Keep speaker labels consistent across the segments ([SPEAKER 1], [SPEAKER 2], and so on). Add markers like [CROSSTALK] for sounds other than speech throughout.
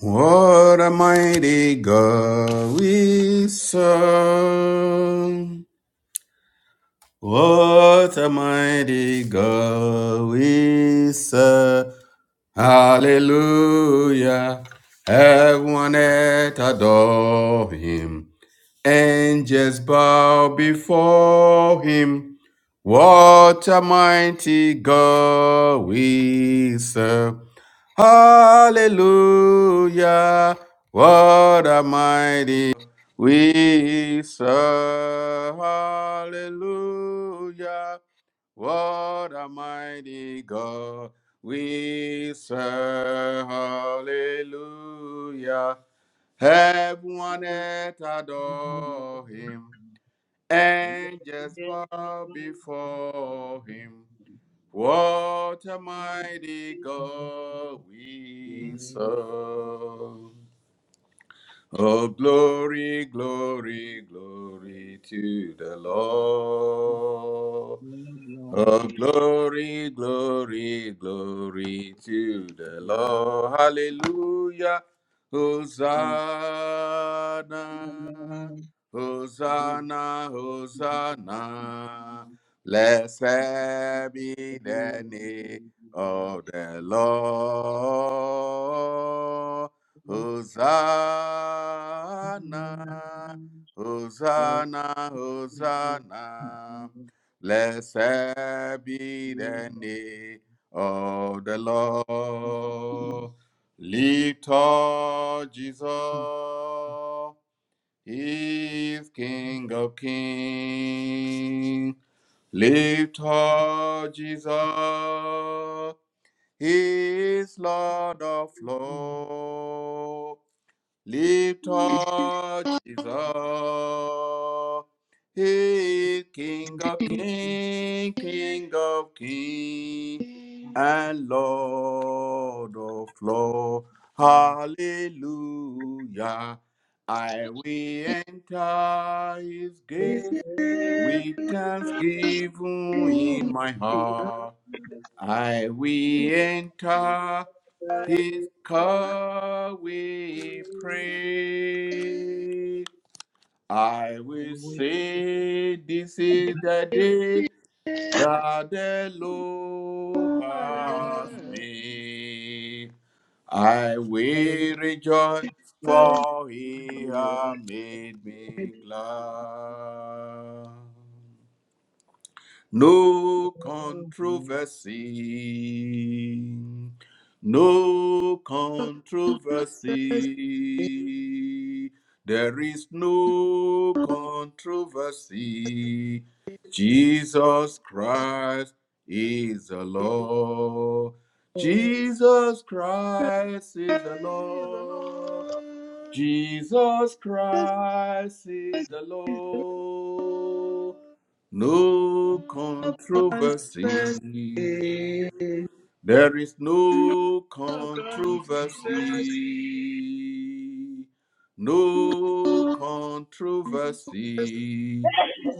[SPEAKER 1] What a mighty God we serve. What a mighty God we serve. Hallelujah. Everyone that adore him. Angels bow before him. What a mighty God we serve. Hallelujah. What a mighty we serve. Hallelujah. What a mighty God we serve. Hallelujah. Heaven and
[SPEAKER 2] Thank
[SPEAKER 1] earth adore him. Angels bow before him. What a mighty God we serve. Oh, glory, glory, glory to the Lord. Oh, glory, glory, glory to the Lord. Hallelujah. Hosanna, Hosanna, Hosanna. Blessed be the name of the Lord. Hosanna, Hosanna, Hosanna. Blessed be the name of the Lord. Lift up Jesus, He is King of Kings. Lift up Jesus, He is Lord of
[SPEAKER 2] you.
[SPEAKER 1] Lords. Lift up Jesus. He is King
[SPEAKER 2] Thank
[SPEAKER 1] of King, King of King, and Lord of Lord. Hallelujah. I will enter his gate with thanksgiving in my heart. I will enter his call we pray. I will say, This is the day that the Lord has made. I will rejoice, for he has made me glad. No controversy. No controversy. There is no controversy. Jesus Christ is the Lord. Jesus Christ is the Lord. Jesus Christ is the Lord. No controversy.
[SPEAKER 3] Thank
[SPEAKER 1] There is
[SPEAKER 3] you.
[SPEAKER 1] no
[SPEAKER 3] Bless
[SPEAKER 1] controversy, no controversy.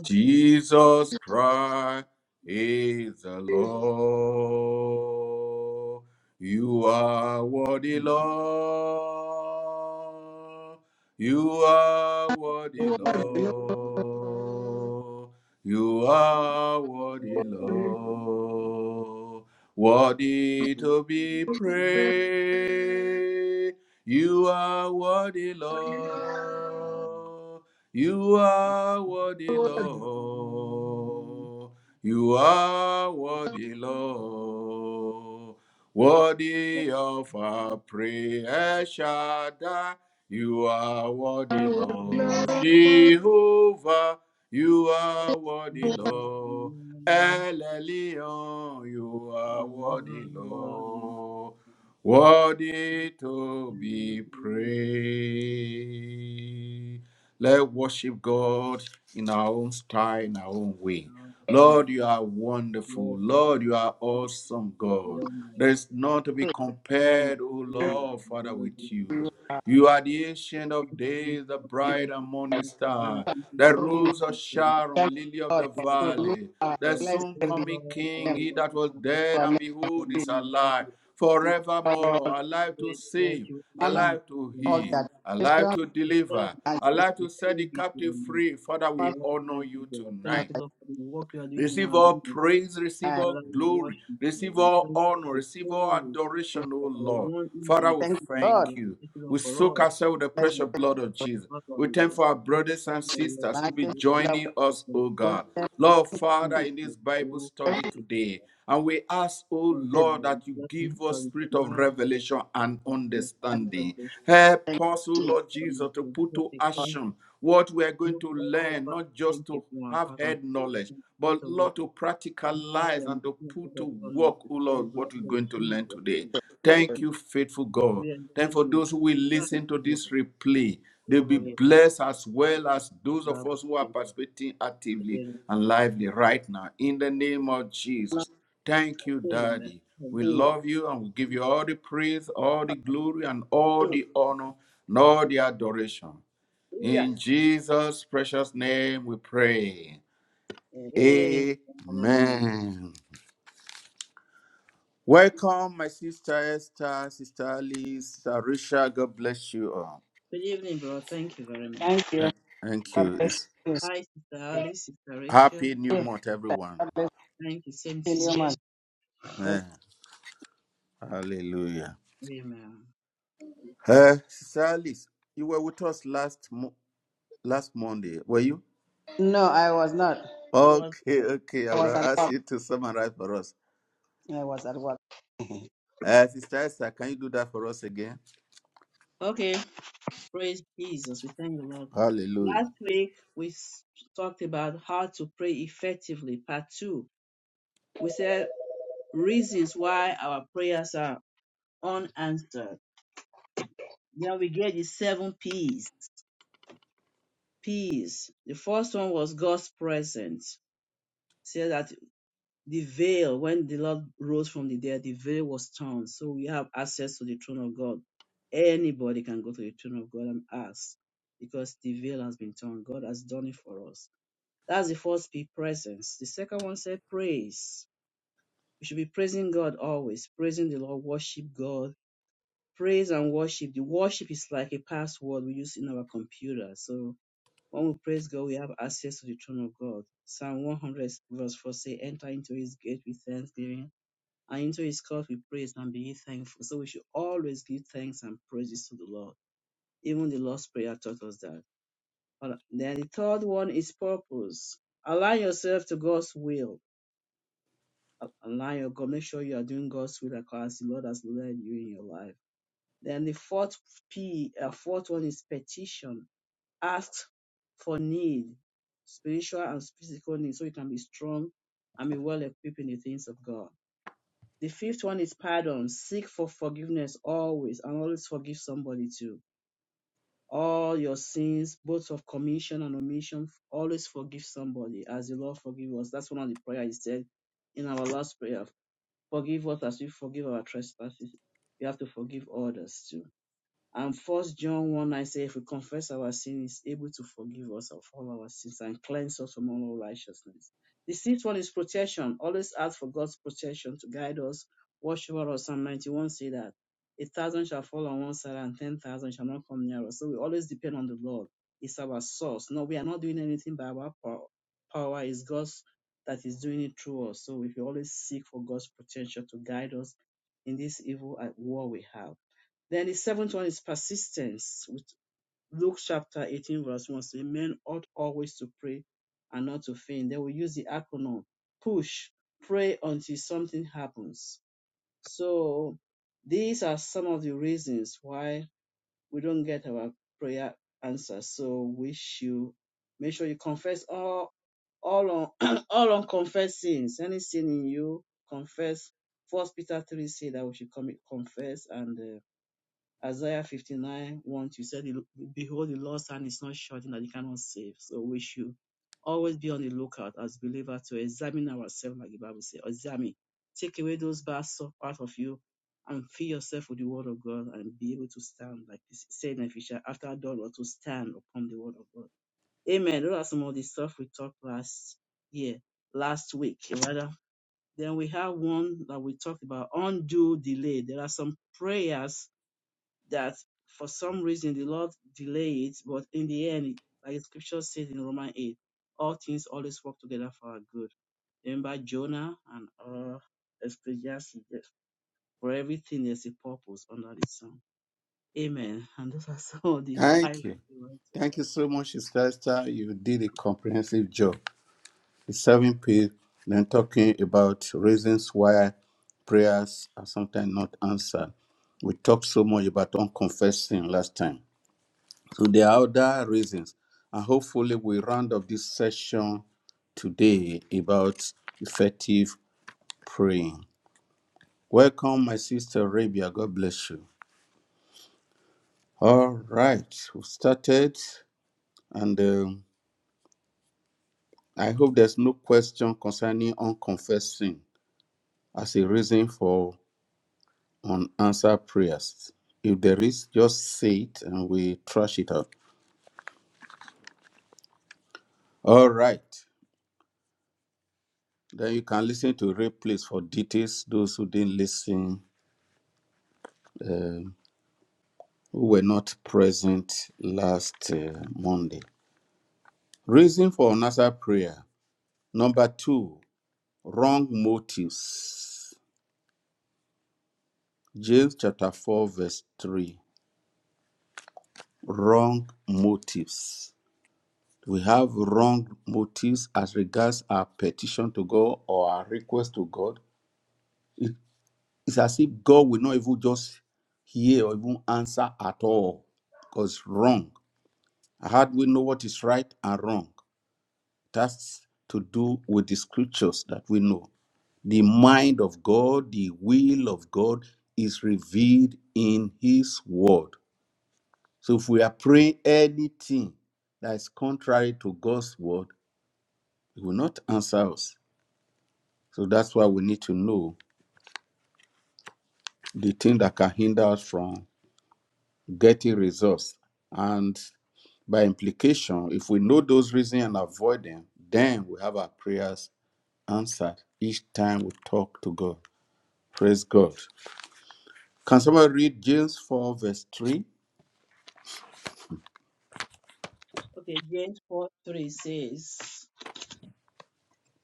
[SPEAKER 1] Jesus Christ is the Lord. You are worthy, Lord. You are worthy, Lord. You are worthy, Lord worthy to be
[SPEAKER 2] you.
[SPEAKER 1] praised. You are worthy,
[SPEAKER 2] Thank you.
[SPEAKER 1] Lord. You are worthy, Lord. You are worthy, Lord. Worthy of our prayer, El Shaddai. You are worthy, Lord. Jehovah, you are worthy, Lord. El Elyon, you are worthy, Lord, worthy to be praised. Let's worship God in our own style, in our own way. Lord, you are wonderful. Lord, you are awesome, God. There is none to be compared, O Lord, Father, with you. You are the ancient of days, the bright and morning star, the rose of Sharon, lily of the
[SPEAKER 2] Lord, the
[SPEAKER 1] valley, the
[SPEAKER 2] Lord,
[SPEAKER 1] soon
[SPEAKER 3] every
[SPEAKER 1] coming
[SPEAKER 2] our
[SPEAKER 1] King,
[SPEAKER 3] name
[SPEAKER 1] he
[SPEAKER 2] Lord,
[SPEAKER 1] that was dead
[SPEAKER 3] that
[SPEAKER 2] ourselves,
[SPEAKER 1] and
[SPEAKER 3] name of
[SPEAKER 2] the
[SPEAKER 1] behold is
[SPEAKER 2] name of the
[SPEAKER 1] alive
[SPEAKER 3] Jesus. All
[SPEAKER 2] Lord,
[SPEAKER 3] the
[SPEAKER 1] forevermore, alive to
[SPEAKER 2] the Lord,
[SPEAKER 1] save,
[SPEAKER 2] you
[SPEAKER 3] honor,
[SPEAKER 2] magnify
[SPEAKER 1] alive to
[SPEAKER 2] the
[SPEAKER 3] all
[SPEAKER 2] name
[SPEAKER 1] heal,
[SPEAKER 3] the
[SPEAKER 2] of
[SPEAKER 1] alive
[SPEAKER 3] adoration,
[SPEAKER 1] to
[SPEAKER 2] the Lord,
[SPEAKER 1] deliver,
[SPEAKER 2] the
[SPEAKER 3] and the
[SPEAKER 2] Lord,
[SPEAKER 1] alive to set
[SPEAKER 2] the
[SPEAKER 1] the
[SPEAKER 2] Lord, the
[SPEAKER 1] captive
[SPEAKER 2] name,
[SPEAKER 1] free. Father,
[SPEAKER 2] the
[SPEAKER 1] we
[SPEAKER 3] master
[SPEAKER 1] honor
[SPEAKER 2] Almighty
[SPEAKER 1] you
[SPEAKER 2] God.
[SPEAKER 3] that
[SPEAKER 2] Thank
[SPEAKER 1] tonight.
[SPEAKER 2] you, Lord, for the work you are doing in
[SPEAKER 1] Receive
[SPEAKER 2] our
[SPEAKER 1] all
[SPEAKER 2] meeting.
[SPEAKER 1] praise, receive
[SPEAKER 3] I
[SPEAKER 1] all
[SPEAKER 2] Father, we worship
[SPEAKER 1] glory,
[SPEAKER 2] you.
[SPEAKER 1] receive
[SPEAKER 2] We
[SPEAKER 1] all
[SPEAKER 2] thank you for
[SPEAKER 1] honor,
[SPEAKER 2] the
[SPEAKER 1] receive all
[SPEAKER 2] souls
[SPEAKER 1] adoration, O
[SPEAKER 2] that are
[SPEAKER 1] Lord.
[SPEAKER 2] won into
[SPEAKER 1] Father,
[SPEAKER 2] the
[SPEAKER 1] we
[SPEAKER 3] Thank
[SPEAKER 2] kingdom for
[SPEAKER 1] thank
[SPEAKER 3] God.
[SPEAKER 2] the
[SPEAKER 1] you.
[SPEAKER 2] kingdom
[SPEAKER 1] We
[SPEAKER 2] for
[SPEAKER 1] soak
[SPEAKER 2] us.
[SPEAKER 1] ourselves with the
[SPEAKER 2] Kingdom,
[SPEAKER 1] precious blood of Jesus. We thank
[SPEAKER 2] Hallelujah.
[SPEAKER 1] for our
[SPEAKER 2] This is
[SPEAKER 1] brothers
[SPEAKER 2] the
[SPEAKER 1] and
[SPEAKER 2] word
[SPEAKER 1] sisters
[SPEAKER 2] of
[SPEAKER 1] who will be
[SPEAKER 3] Marcus
[SPEAKER 2] the Lord.
[SPEAKER 3] Love
[SPEAKER 1] joining us, O God.
[SPEAKER 3] Goodness,
[SPEAKER 1] Lord, Father,
[SPEAKER 2] Thank
[SPEAKER 1] in this
[SPEAKER 2] you,
[SPEAKER 1] Bible
[SPEAKER 2] oh,
[SPEAKER 1] study
[SPEAKER 3] everything
[SPEAKER 2] worship.
[SPEAKER 1] today, and we ask, O
[SPEAKER 2] Thank you,
[SPEAKER 1] Lord,
[SPEAKER 2] Lord.
[SPEAKER 1] that you
[SPEAKER 2] Let me
[SPEAKER 1] give us
[SPEAKER 2] turn to
[SPEAKER 1] spirit of
[SPEAKER 2] mine. the
[SPEAKER 1] revelation and
[SPEAKER 2] because from the sun
[SPEAKER 3] I
[SPEAKER 1] understanding.
[SPEAKER 2] revelation.
[SPEAKER 1] Help
[SPEAKER 3] thank
[SPEAKER 1] us, O
[SPEAKER 3] you
[SPEAKER 2] Yes,
[SPEAKER 1] Lord
[SPEAKER 2] from the
[SPEAKER 1] Jesus, to
[SPEAKER 2] Jesus
[SPEAKER 1] put to
[SPEAKER 3] for
[SPEAKER 2] Christ,
[SPEAKER 1] action what we are going
[SPEAKER 2] you
[SPEAKER 1] to
[SPEAKER 2] all
[SPEAKER 1] learn,
[SPEAKER 2] but
[SPEAKER 1] not just
[SPEAKER 2] think if
[SPEAKER 1] to
[SPEAKER 2] one
[SPEAKER 1] have
[SPEAKER 2] has a
[SPEAKER 1] heard
[SPEAKER 2] faith
[SPEAKER 1] knowledge,
[SPEAKER 2] in this
[SPEAKER 1] but
[SPEAKER 2] world,
[SPEAKER 1] Lord, to
[SPEAKER 2] you have the
[SPEAKER 1] practicalize and to
[SPEAKER 2] anointing of
[SPEAKER 1] put to
[SPEAKER 2] God upon
[SPEAKER 1] work,
[SPEAKER 2] us.
[SPEAKER 1] oh
[SPEAKER 2] We
[SPEAKER 1] Lord, what
[SPEAKER 2] bless
[SPEAKER 1] we're
[SPEAKER 2] the
[SPEAKER 1] going to learn
[SPEAKER 2] Jesus.
[SPEAKER 1] today.
[SPEAKER 3] the
[SPEAKER 1] Thank
[SPEAKER 2] Worship
[SPEAKER 1] you,
[SPEAKER 2] you.
[SPEAKER 1] faithful God.
[SPEAKER 2] We
[SPEAKER 1] Then
[SPEAKER 2] exalt
[SPEAKER 1] for
[SPEAKER 2] you,
[SPEAKER 1] those who
[SPEAKER 2] Lord.
[SPEAKER 1] will
[SPEAKER 2] Thank
[SPEAKER 1] listen to
[SPEAKER 2] you,
[SPEAKER 1] this replay, they'll
[SPEAKER 2] Lord.
[SPEAKER 1] be
[SPEAKER 2] Glory and
[SPEAKER 1] blessed as well
[SPEAKER 2] honor.
[SPEAKER 1] as those of
[SPEAKER 2] Love,
[SPEAKER 1] us who are
[SPEAKER 2] Savior.
[SPEAKER 1] participating actively and lively right now. In the name of
[SPEAKER 3] honor
[SPEAKER 1] Jesus. Thank you,
[SPEAKER 2] Amen. Amen.
[SPEAKER 1] Daddy.
[SPEAKER 2] Thank
[SPEAKER 1] We
[SPEAKER 2] you,
[SPEAKER 3] is
[SPEAKER 2] Lord.
[SPEAKER 1] love you and we give you all the praise, all the glory, and all the honor, and all the adoration.
[SPEAKER 3] hallelujah.
[SPEAKER 1] In Jesus' precious name we pray.
[SPEAKER 3] Amen.
[SPEAKER 2] Amen.
[SPEAKER 1] Amen. Welcome, my sister Esther, sister Liz, sister Risha. God bless you all.
[SPEAKER 2] Good evening, bro. Thank you very much.
[SPEAKER 3] Thank you.
[SPEAKER 1] Thank
[SPEAKER 3] God
[SPEAKER 1] you.
[SPEAKER 3] bless
[SPEAKER 1] It's
[SPEAKER 3] you.
[SPEAKER 2] Hi, Sister
[SPEAKER 3] Yeah.
[SPEAKER 2] Alice, Sister Rachel.
[SPEAKER 1] happy new month, everyone.
[SPEAKER 3] God bless
[SPEAKER 2] Thank you. Same
[SPEAKER 3] you,
[SPEAKER 2] to you.
[SPEAKER 3] Bless-
[SPEAKER 1] Eh, hallelujah.
[SPEAKER 2] Amen.
[SPEAKER 1] Uh, sister Alice, you were with us last mo- last Monday, were you?
[SPEAKER 3] No, I was not.
[SPEAKER 2] You are
[SPEAKER 1] Okay,
[SPEAKER 2] good.
[SPEAKER 1] okay. I
[SPEAKER 3] I
[SPEAKER 1] will
[SPEAKER 3] was at
[SPEAKER 1] ask
[SPEAKER 3] work.
[SPEAKER 1] you to summarize for us.
[SPEAKER 3] I was at work.
[SPEAKER 1] Uh, sister Esther, can you do that for us again?
[SPEAKER 2] Okay. Praise Jesus. We thank the Lord.
[SPEAKER 1] Hallelujah.
[SPEAKER 2] Last week, we s- talked about how to pray effectively, part two. We said reasons why our prayers are unanswered. Then we get the seven P's. P's. The first one was God's presence. Say that. the veil, when the Lord rose from the dead, the veil was torn. So we have access to the throne of God. Anybody can go to the throne of God and ask because the veil has been torn. God has done it for us. That's the first P presence. The second one said praise. We should be praising God always, praising the Lord, worship God. Praise and worship. The worship is like a password we use in our computer. So when we praise God, we have access to the throne of God. Psalm 100 verse 4 say, enter into his gate with thanksgiving and into his court with praise and be thankful. So we should always give thanks and praises to the Lord. Even the Lord's Prayer taught us that. But then the third one is purpose. Align yourself to God's will. A- Align your God. Make sure you are doing God's will as the Lord has led you in your life. Then the fourth P, uh, fourth one is petition. Ask for need, spiritual and physical need, so you can be strong and be well equipped in the things of God. The fifth one is pardon. Seek for forgiveness always and always forgive somebody too. All your sins, both of commission and omission, always forgive somebody as the Lord forgive us. That's one of the prayer he said in our last prayer. Forgive us as we forgive our trespasses. We have to forgive others too and first John 1 9 says, if we confess our sin, is able to forgive us of all our sins and cleanse us from all righteousness. The sixth one is protection. Always ask for God's protection to guide us, watch over us. Psalm 91 say that a thousand shall fall on one side and ten thousand shall not come near us. So we always depend on the Lord. It's our source. No, we are not doing anything by our power. Power is God's that is doing it through us. So we should always seek for God's protection to guide us in this evil uh, war we have. Then the seventh one is persistence with Luke chapter 18 verse 1 says, men ought always to pray and not to faint. They will use the acronym push, pray until something happens. So these are some of the reasons why we don't get our prayer answer. So we should make sure you confess all all on [CLEARS THROAT] all unconfessed sins. Any sin in you, confess. First Peter 3 say that we should commit, confess and uh, Isaiah 59, 1, you said, Behold, the Lord's hand is not short that it cannot save. So we should always be on the lookout as believers to examine ourselves, like the Bible says, examine. Take away those bad stuff out of you and fill yourself with the word of God and be able to stand, like this said in Ephesians, after done or to stand upon the word of God. Amen. Those are some of the stuff we talked last year, last week, rather. Then we have one that we talked about, undue delay. There are some prayers that for some reason the Lord delayed it, but in the end, like the scripture says in Romans 8, all things always work together for our good. Remember Jonah and uh, Ecclesiastes, that for everything there's a purpose under the sun. Amen. [LAUGHS] And those are some of the [LAUGHS]
[SPEAKER 1] Thank
[SPEAKER 2] I.
[SPEAKER 1] you. Thank you so much, Sister. Esther. You did a comprehensive job. The seven P, then talking about reasons why prayers are sometimes not answered. We talked so much about unconfessing last time. So there are other reasons. And hopefully we round up this session today about effective praying. Welcome, my sister Rabia. God bless you. All right, we started, and um, I hope there's no question concerning unconfessed sin as a reason for unanswered prayers. If there is, just say it and we trash it out. All right. Then you can listen to replays for details. Those who didn't listen, um, who were not present last uh, Monday. Reason for unanswered prayer. Number two, wrong motives. James chapter 4, verse 3. Wrong motives we have wrong motives as regards our petition to God or our request to God, it- it's as if God will not even just hear or even answer at all because wrong. How do we know what is right and wrong? That's to do with the scriptures that we know. The mind of God, the will of God is revealed in His word. So if we are praying anything that is contrary to God's word, He will not answer us So that's why we need to know the thing that can hinder us from getting results. And by implication, if we know those reasons and avoid them, then we have our prayers answered each time we talk to God. Praise God. Can somebody read James 4, verse 3?
[SPEAKER 2] Okay, James 4 3 says,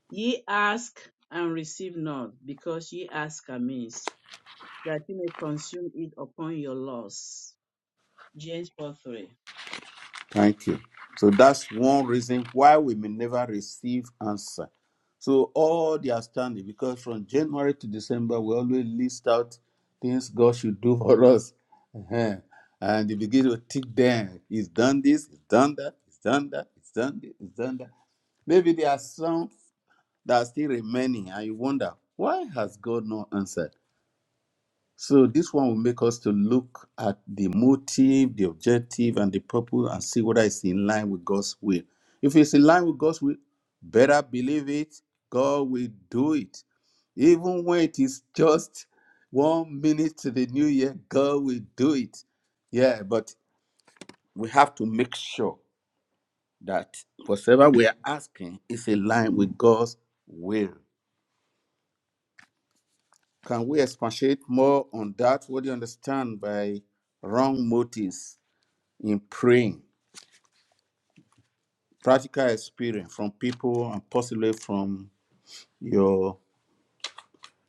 [SPEAKER 2] Ye ask and receive not, because ye ask amiss, that ye may consume it upon your loss. James 4 3.
[SPEAKER 1] Thank you. So that's one reason why we may never receive answer. So all they are standing because from January to December we always list out things God should do [LAUGHS] for us, Uh-huh. and they begin to tick them. He's done this. He's done that. He's done that. He's done this. He's done that. Maybe there are some that are still remaining, and you wonder why has God not answered? So this one will make us to look at the motive, the objective, and the purpose and see whether it's in line with God's will. If it's in line with God's will, better believe it, God will do it. Even when it is just one minute to the new year, God will do it. Yeah, but we have to make sure that whatever we are asking is in line with God's will. Can we expatiate more on that? What do you understand by wrong motives? in praying, practical experience from people and possibly from your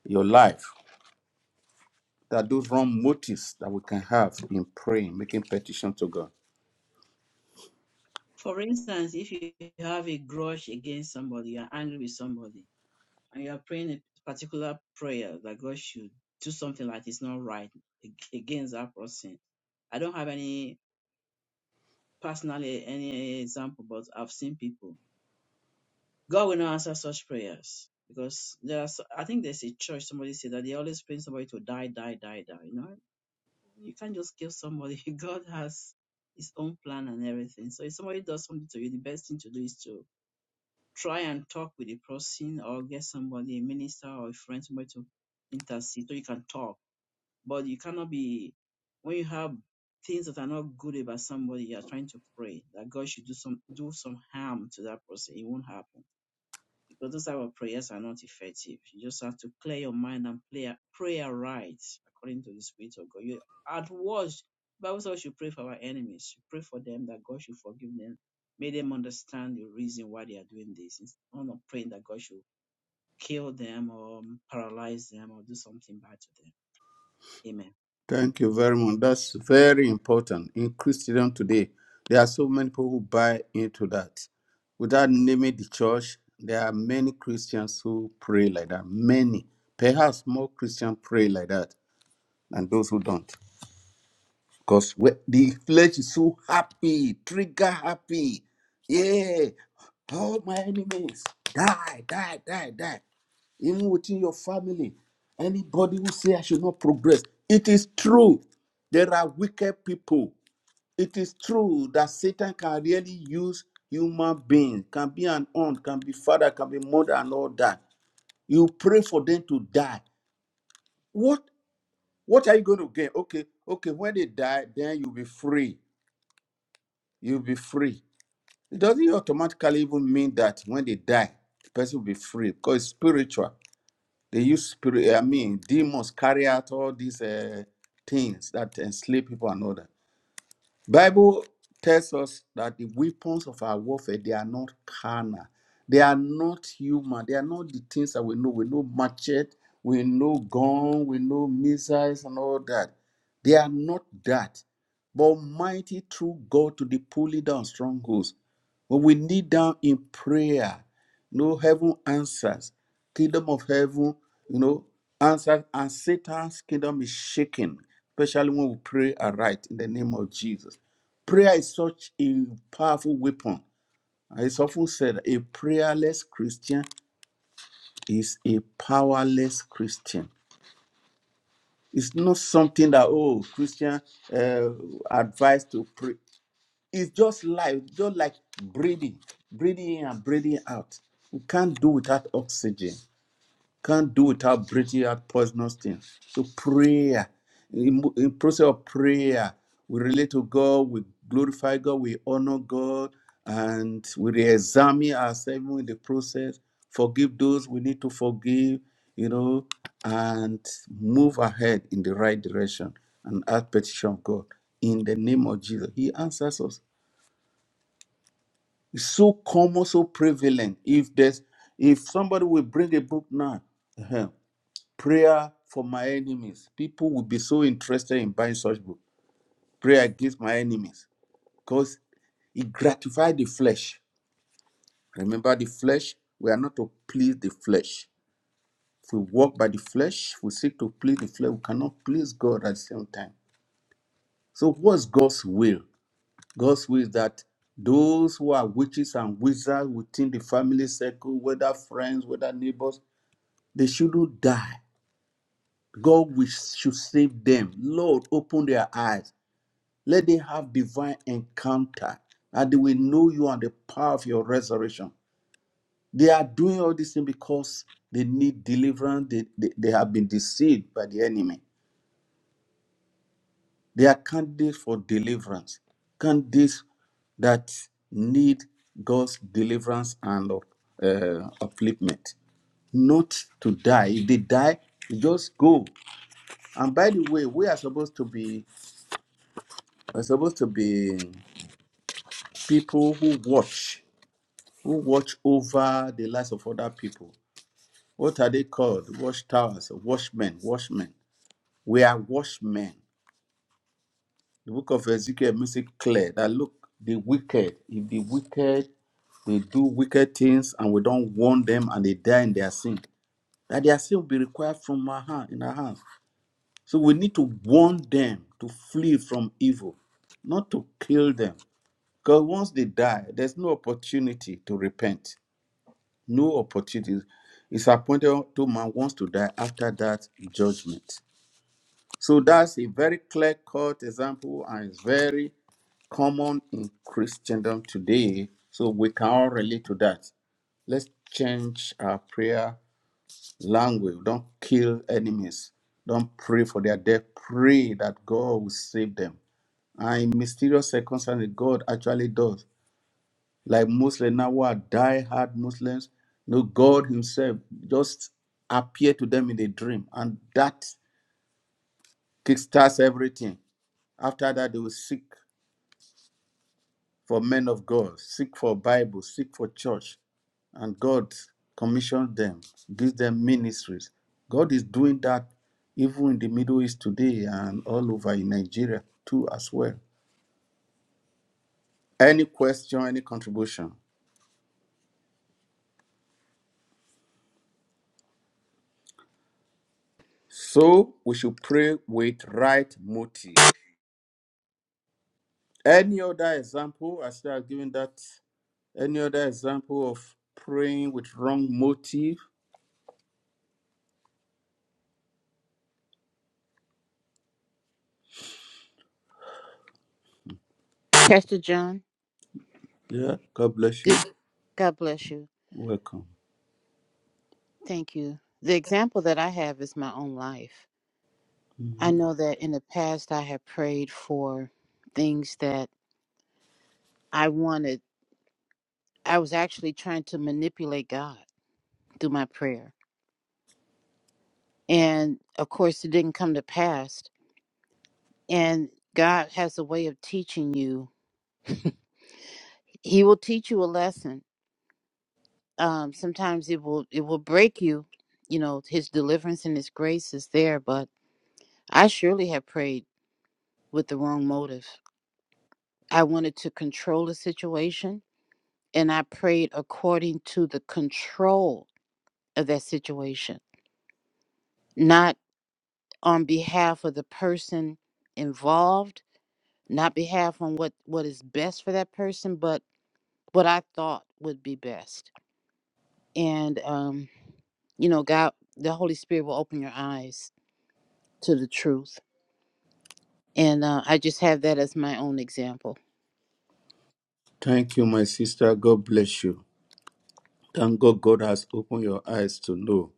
[SPEAKER 1] your life. That those wrong motives that we can have in praying, making petition to God.
[SPEAKER 2] For instance, if you have a grudge against somebody, you're angry with somebody, and you're praying a particular prayer that God should do something like it's not right ag- against that person. I don't have any personally any example, but I've seen people. God will not answer such prayers because there's I think there's a church somebody said that they always pray somebody to die, die, die, die. You know, you can't just kill somebody. [LAUGHS] God has his own plan and everything. So if somebody does something to you, the best thing to do is to try and talk with the person or get somebody, a minister or a friend, somebody to intercede so you can talk. But you cannot be, when you have things that are not good about somebody, you are trying to pray that God should do some, do some harm to that person. It won't happen because those type of prayers are not effective. You just have to clear your mind and play, prayer right according to the Spirit of God. You at worst, Bible says we should pray for our enemies. You pray for them that God should forgive them, make them understand the reason why they are doing this. Instead of praying that God should kill them or um, paralyze them or do something bad to them. Amen.
[SPEAKER 1] Thank you very much. That's very important. In Christendom today, there are so many people who buy into that. Without naming the church, there are many Christians who pray like that. Many, perhaps more Christians pray like that than those who don't. Because the flesh is so happy, trigger happy. Yeah, all my enemies die, die, die, die. Even within your family, anybody who say I should not progress, it is true. There are wicked people. It is true that Satan can really use human beings, can be an aunt, can be father, can be mother, and all that. You pray for them to die. What? What are you going to gain? Okay, okay. When they die, then you'll be free. You'll be free. It doesn't automatically even mean that when they die, the person will be free because it's spiritual. They use spirit. I mean, demons carry out all these uh, things that enslave people and all that. Bible tells us that the weapons of our warfare they are not carnal, they are not human, they are not the things that we know. We know machete, we know gun, we know missiles and all that. They are not that, but mighty through God to the pulling down strongholds. When we kneel down in prayer, no heaven answers. Kingdom of heaven, you know, answers, and Satan's kingdom is shaken, especially when we pray aright in the name of Jesus. Prayer is such a powerful weapon. It's often said a prayerless Christian is a powerless Christian. It's not something that, oh, Christian uh, advice to pray. It's just life, just like breathing, breathing in and breathing out. We can't do without oxygen. Can't do without breathing out poisonous things. So prayer, in, in process of prayer, we relate to God, we glorify God, we honor God, and we re-examine ourselves in the process. Forgive those we need to forgive, you know, and move ahead in the right direction and ask petition of God in the name of Jesus. He answers us. It's so common, so prevalent. If there's if somebody will bring a book now, uh-huh, prayer for my enemies. People will be so interested in buying such book. Prayer against my enemies because it gratifies the flesh. Remember, the flesh, we are not to please the flesh. If we walk by the flesh, if we seek to please the flesh, we cannot please God at the same time. So, what's God's will? God's will is that those who are witches and wizards within the family circle, whether friends, whether neighbors, they shouldn't die. God will, should save them. Lord, open their eyes Let them have divine encounter and they will know you and the power of your resurrection. They are doing all these things because they need deliverance. They, they, they have been deceived by the enemy. They are candidates for deliverance, candidates that need God's deliverance and uh, uh, upliftment. Not to die. If they die, just go. And by the way, we are supposed to be are supposed to be people who watch who watch over the lives of other people. What are they called? Watchtowers, watchmen, watchmen. We are watchmen. The book of Ezekiel makes it clear that look, the wicked, if the wicked, they do wicked things and we don't warn them and they die in their sin, that their sin will be required from our hand, in our hands. So we need to warn them to flee from evil, not to kill them. Because once they die, there's no opportunity to repent no opportunity It's appointed to man wants to die after that judgment. So that's a very clear cut example and it's very common in Christendom today. So we can all relate to that. Let's change our prayer language. Don't kill enemies. Don't pray for their death. Pray that God will save them. And in mysterious circumstances, God actually does like Muslims now who are die-hard Muslims. No, God Himself just appeared to them in a dream, and that kickstarts everything. After that, they will seek for men of God, seek for Bible, seek for church, and God commissioned them, gives them ministries. God is doing that even in the Middle East today and all over in Nigeria too as well. Any question, any contribution? So we should pray with right motive. Any other example, as I should have given that, any other example of praying with wrong motive?
[SPEAKER 4] Pastor John,
[SPEAKER 1] Yeah, God bless
[SPEAKER 4] good
[SPEAKER 1] you.
[SPEAKER 4] God bless you.
[SPEAKER 1] Welcome.
[SPEAKER 4] Thank you. The example that I have is my own life. I
[SPEAKER 1] Mhm.
[SPEAKER 4] know that in the past I have prayed for things that I wanted. I was actually trying to manipulate God through my prayer. And of course it didn't come to pass. And God has a way of teaching you. [LAUGHS] He will teach you a lesson. Um, sometimes it will it will break you. You know, his deliverance and his grace is there, but I surely have prayed with the wrong motive. I wanted to control the situation and I prayed according to the control of that situation, not on behalf of the person involved, not behalf on what, what is best for that person, but what I thought would be best. And, um, you know, God, the Holy Spirit will open your eyes to the truth. And uh, I just have that as my own example.
[SPEAKER 1] Thank you, my sister. God bless you. Thank God God has opened your eyes to know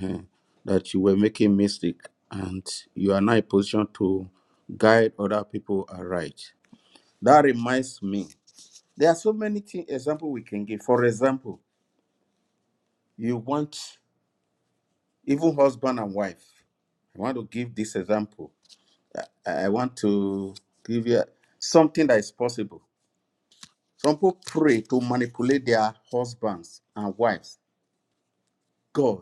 [SPEAKER 1] eh, that you were making mistake and you are now in position to guide other people aright. That reminds me, there are so many thing, example we can give. For example, you want even husband and wife. I want to give this example. I I want to give you something that is possible. Some people pray to manipulate their husbands and wives. God,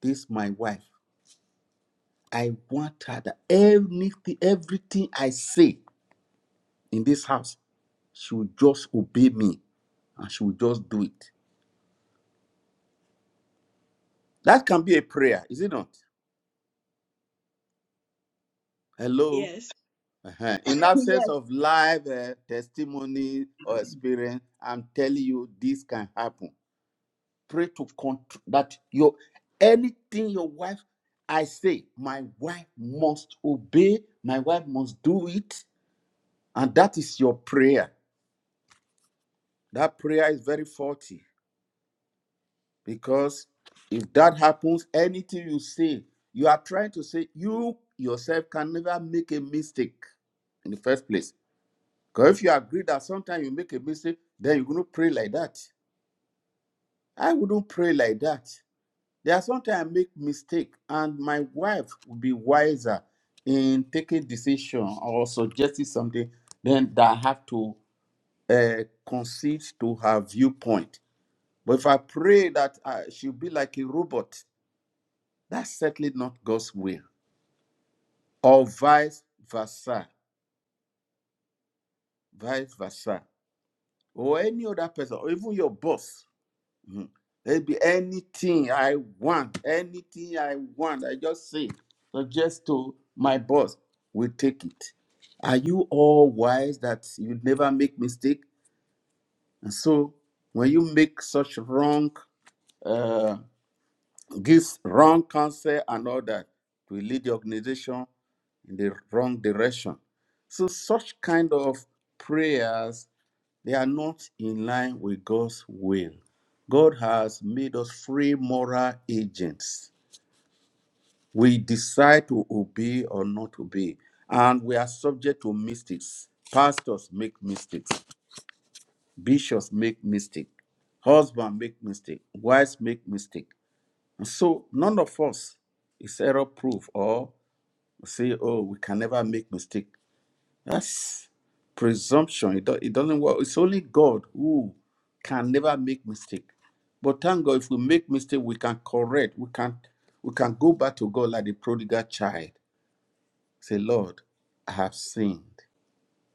[SPEAKER 1] this is my wife. I want her that anything, everything I say in this house, she will just obey me and she will just do it. That can be a prayer, is it not? Hello?
[SPEAKER 2] Yes.
[SPEAKER 1] Uh-huh. In
[SPEAKER 2] [LAUGHS]
[SPEAKER 1] absence
[SPEAKER 2] Yes.
[SPEAKER 1] of live uh, testimony or experience, I'm telling you, this can happen. Pray to control that your anything your wife, I say, my wife must obey, my wife must do it, and that is your prayer. That prayer is very faulty because if that happens, anything you say, you are trying to say you yourself can never make a mistake in the first place. Because if you agree that sometimes you make a mistake, then you're going to pray like that. I wouldn't pray like that. There are sometimes I make mistake, and my wife would be wiser in taking decision or suggesting something Then that I have to uh, concede to her viewpoint. But if I pray that uh, she'll be like a robot, that's certainly not God's will. Or vice versa, vice versa. Or any other person, or even your boss Maybe anything I want, anything I want, I just say, suggest to my boss, will take it. Are you all wise that you never make mistake? And so when you make such wrong, uh, gives wrong counsel and all that, it will lead the organization in the wrong direction. So such kind of prayers they are not in line with God's will. God has made us free moral agents. We decide to obey or not obey, and we are subject to mistakes. Pastors make mistakes, bishops make mistakes, husband make mistake, wives make mistake. And so none of us is error proof or say, oh, we can never make mistake. That's presumption. It, do, it doesn't work. It's only God who can never make mistake. But thank God, if we make mistake, we can correct. We can we can go back to God like the prodigal child. Say, Lord, I have sinned.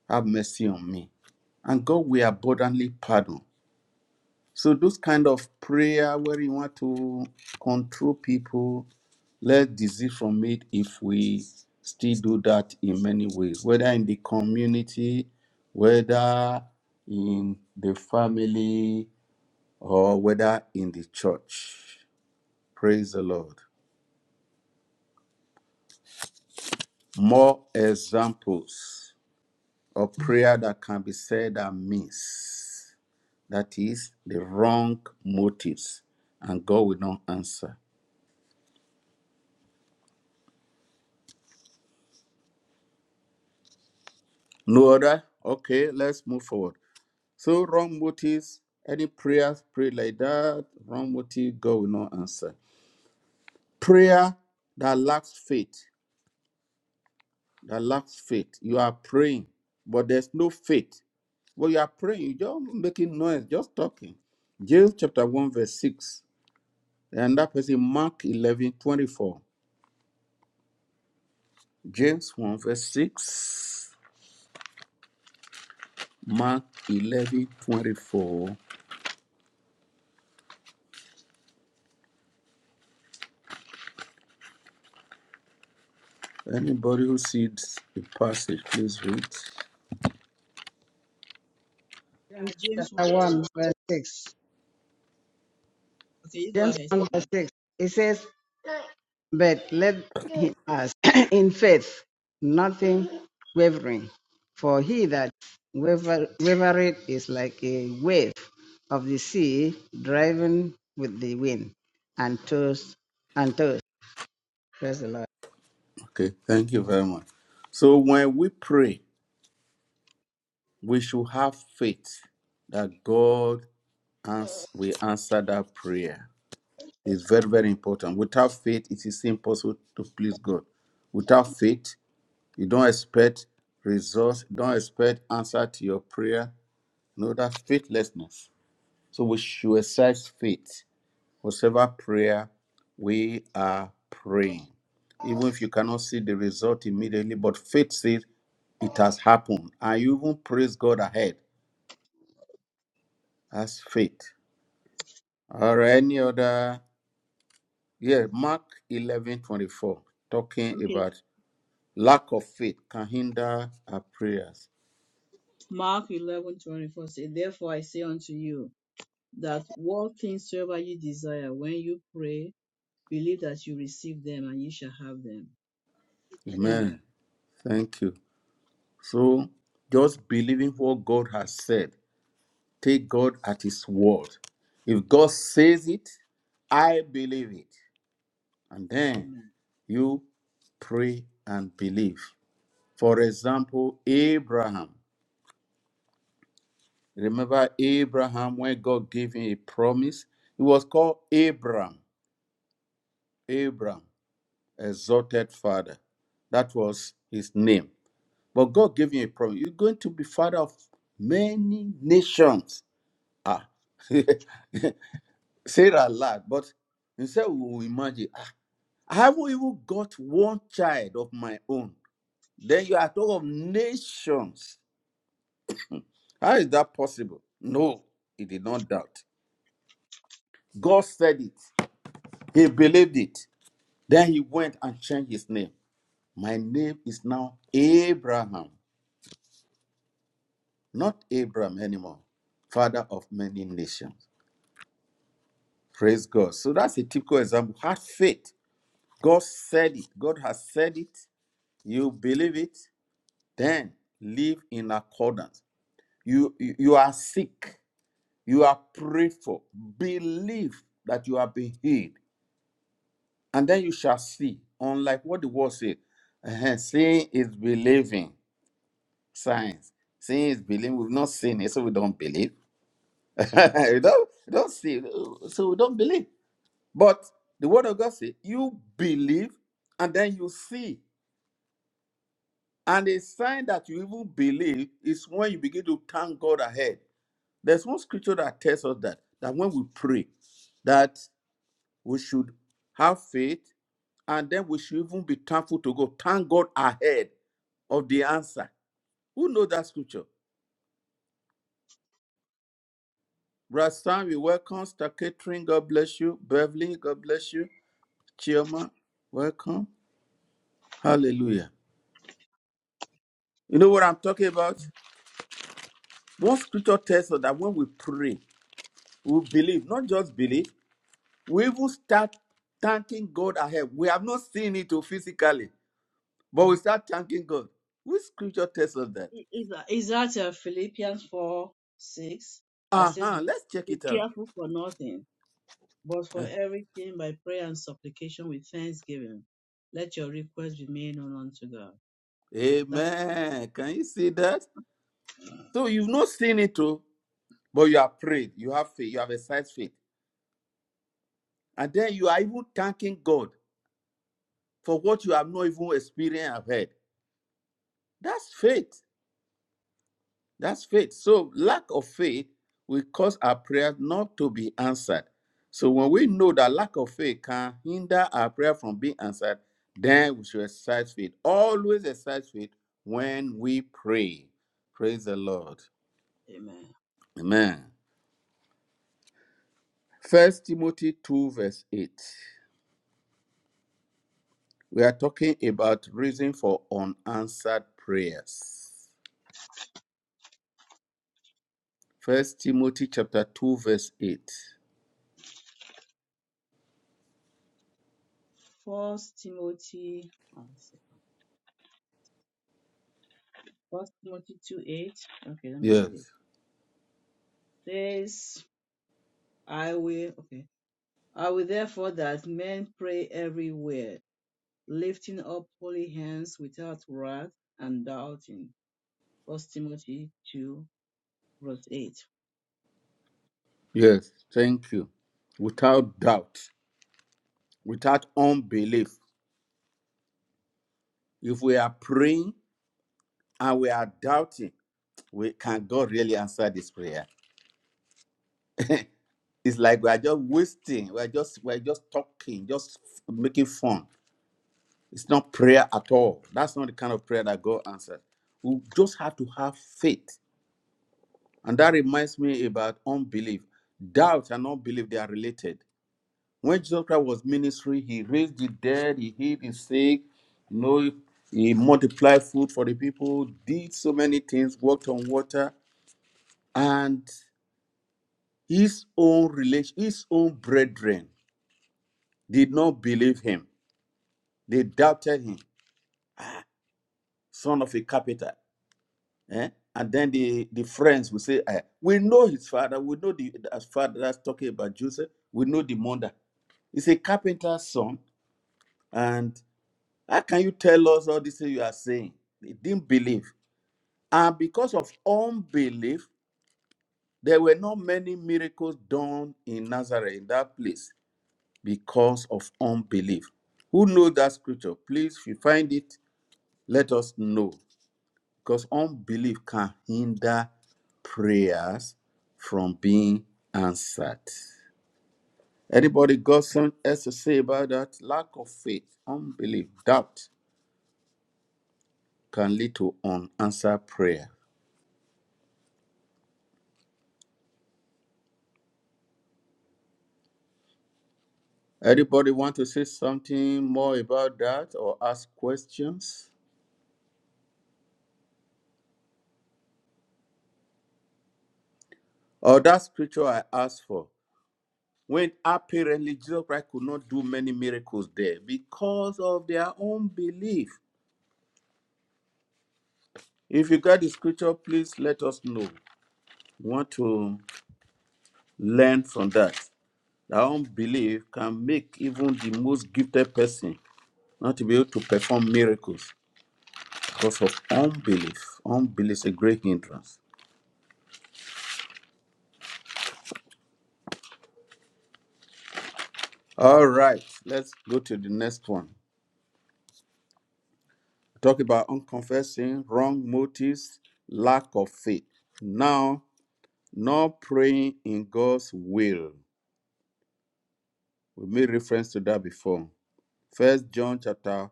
[SPEAKER 1] Have mercy on me. And God will abundantly pardon. So those kind of prayer where you want to control people, let disease from it if we still do that in many ways, whether in the community, whether in the family, or whether in the church. Praise the Lord. More examples of prayer that can be said and means. That is the wrong motives, and God will not answer. No other? Okay, let's move forward. So, wrong motives, any prayers prayed like that, wrong motive, God will not answer. Prayer that lacks faith, that lacks faith. You are praying, but there's no faith. Well, you are praying, you're just making noise, just talking. James chapter 1, verse 6. And that person, Mark 11 24. James 1, verse 6. Mark 11 24. Anybody who sees the passage, please read.
[SPEAKER 2] Uh,
[SPEAKER 3] James
[SPEAKER 2] James 1
[SPEAKER 3] chapter 1,
[SPEAKER 2] 6.
[SPEAKER 3] verse 6.
[SPEAKER 2] Okay, you go
[SPEAKER 3] James
[SPEAKER 2] ahead.
[SPEAKER 3] 1, verse 6. It says, but let him ask [CLEARS THROAT] in faith, nothing wavering. For he that waver- wavereth is like a wave of the sea driven with the wind and tossed and tossed. Praise the Lord.
[SPEAKER 1] Okay, thank you very much. So when we pray, we should have faith that God ans- will answer that prayer. It's very, very important. Without faith, it is impossible to please God. Without faith, you don't expect results, you don't expect answer to your prayer. No, that's faithlessness. So we should exercise faith. whatever prayer we are praying. Even if you cannot see the result immediately, but faith says it has happened. And you even praise God ahead. That's faith. Or any other. Yeah, Mark eleven twenty four, talking
[SPEAKER 2] Okay.
[SPEAKER 1] about lack of faith can hinder our prayers.
[SPEAKER 2] Mark eleven twenty four 24 says, Therefore I say unto you, that what things soever you desire when you pray, believe that you receive them and you shall have them. Amen.
[SPEAKER 1] Amen. Thank you. So, just believing what God has said, take God at His word. If God says it, I believe it. and then
[SPEAKER 2] Amen.
[SPEAKER 1] you pray and believe. For example, Abraham. Remember Abraham when God gave him a promise? He was called Abram. Abram, exalted father. That was his name. But God gave him a promise. You're going to be father of many nations. Ah. [LAUGHS] Sarah laughed, but instead we will imagine, "Ah, I haven't even got one child of my own. Then you are talking of nations. How is that possible? No, he did not doubt. God said it. He believed it. Then he went and changed his name. My name is now Abraham, not Abram anymore, father of many nations. Praise God. So that's a typical example. Have faith. God said it. God has said it. You believe it. Then live in accordance. You, you, you are sick. You are prayed for. Believe that you have been healed, and then you shall see. Unlike what the word said, uh seeing is believing. Science. Seeing is believing. We've not seen it, so we don't believe. [LAUGHS] we don't, we don't see, so we don't believe. But the word of God says, you believe, and then you see. And a sign that you even believe is when you begin to thank God ahead. There's one scripture that tells us that that when we pray, that We should have faith, and then we should even be thankful to God. Thank God ahead of the answer. Who knows that scripture? Brad Sam, you welcome. Star Catering, God bless you. Beverly, God bless you. Chioma, welcome. Hallelujah. You know what I'm talking about? One scripture tells us that when we pray, we believe, not just believe, we even start thanking God ahead. We have not seen it oh, physically, but we start thanking God. Which scripture tells us that?
[SPEAKER 2] Is that, is that uh, Philippians 4 6 that says, Be
[SPEAKER 1] Uh-huh. Let's check it out.
[SPEAKER 2] careful for nothing, but for
[SPEAKER 1] [LAUGHS]
[SPEAKER 2] everything by prayer and supplication with thanksgiving. Let your requests be made known unto God.
[SPEAKER 1] Uh,
[SPEAKER 2] That,
[SPEAKER 1] Amen. Can you see that? So you've not seen it too, but you have prayed. You have faith. You have exercised faith. And then you are even thanking God for what you have not even experienced and heard. That's faith. That's faith. So lack of faith will cause our prayers not to be answered. So when we know that lack of faith can hinder our prayer from being answered, then we should exercise faith. Always exercise faith when we pray. Praise the Lord.
[SPEAKER 2] amen.
[SPEAKER 1] Amen. First Timothy 2, verse 8. We are talking about reason for unanswered prayers. First Timothy chapter 2, verse 8.
[SPEAKER 2] First Timothy, oh, one second. First Timothy 2 8. Okay, let me read it.
[SPEAKER 1] Yes.
[SPEAKER 2] Says, I will. Okay. I will therefore that men pray everywhere, lifting up holy hands without wrath and doubting. First Timothy 2 verse 8.
[SPEAKER 1] Yes. Thank you. Without doubt, without unbelief. If we are praying and we are doubting, we can God really answer this prayer? [LAUGHS] it's like we are just wasting, we are just we are just talking, just making fun It's not prayer at all. That's not the kind of prayer that God answered. We just have to have faith. And that reminds me about unbelief. Doubt and unbelief, they are related. When Jesus Christ was ministry, he raised the dead, he healed the sick, you know, he multiplied food for the people, did so many things, walked on water, and his own relation, his own brethren did not believe him. They doubted him, son of a carpenter. eh? And then the, the friends will say, eh, We know his father, we know the as father that's talking about Joseph, we know the mother. He's a carpenter's son. And how can you tell us all this thing you are saying? They didn't believe. And because of unbelief, there were not many miracles done in Nazareth, in that place, because of unbelief. Who knows that scripture? Please, if you find it, let us know. Because unbelief can hinder prayers from being answered. Anybody got something else to say about that? Lack of faith, unbelief, doubt can lead to unanswered prayer. Anybody want to say something more about that or ask questions? Or that scripture I asked for, when apparently Jesus Christ could not do many miracles there because of their own belief. If you got the scripture, please let us know. We want to learn from that. Our unbelief can make even the most gifted person not to be able to perform miracles because of unbelief. Unbelief is a great hindrance. All right, let's go to the next one. Talk about unconfessing, wrong motives, lack of faith. Now, not praying in God's will. We made reference to that before. First John chapter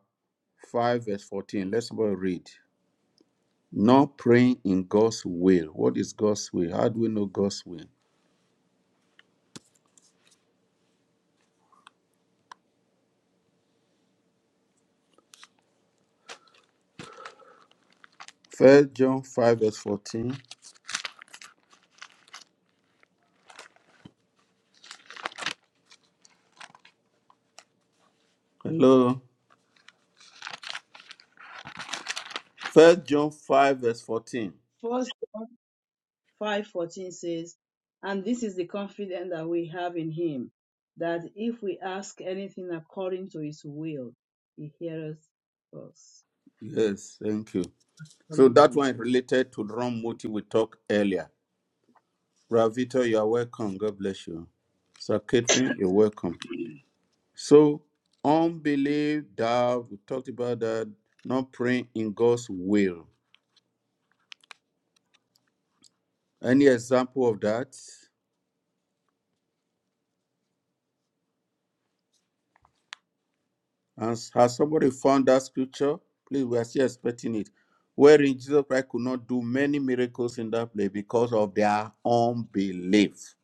[SPEAKER 1] 5, verse 14. Let somebody read. not praying in God's will. What is God's will? How do we know God's will? First John 5 verse 14. Hello. First John 5 verse 14.
[SPEAKER 2] First John 5:14 says, And this is the confidence that we have in him, that if we ask anything according to his will, he hears us
[SPEAKER 1] Yes, thank you. So
[SPEAKER 2] according to
[SPEAKER 1] that one
[SPEAKER 2] his
[SPEAKER 1] is
[SPEAKER 2] will.
[SPEAKER 1] related to the wrong motive we talked earlier. Ravito, you are welcome. God bless you. Sir Catherine, you're welcome. So unbelief that we talked about that, not praying in God's will. Any example of that? Has, has somebody found that scripture? Please, we are still expecting it. Wherein Jesus Christ could not do many miracles in that place because of their unbelief.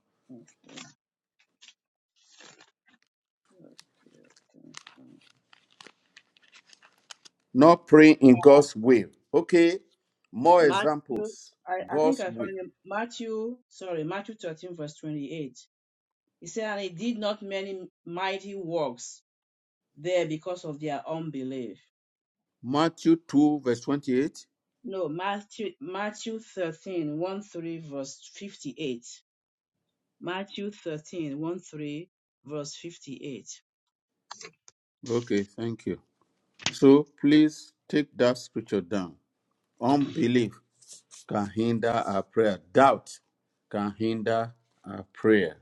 [SPEAKER 1] Not praying in God's will. Okay, more
[SPEAKER 2] Mark,
[SPEAKER 1] examples.
[SPEAKER 2] I, I think
[SPEAKER 1] God's
[SPEAKER 2] I
[SPEAKER 1] will.
[SPEAKER 2] found him. Matthew, sorry, Matthew 13 verse 28. He said, and he did not many mighty works there because of their unbelief.
[SPEAKER 1] Matthew 2, verse 28.
[SPEAKER 2] No, Matthew, Matthew thirteen one 3, verse 58. Matthew thirteen one 3, verse 58.
[SPEAKER 1] Okay, thank you. So please take that scripture down. Unbelief can hinder our prayer, doubt can hinder our prayer.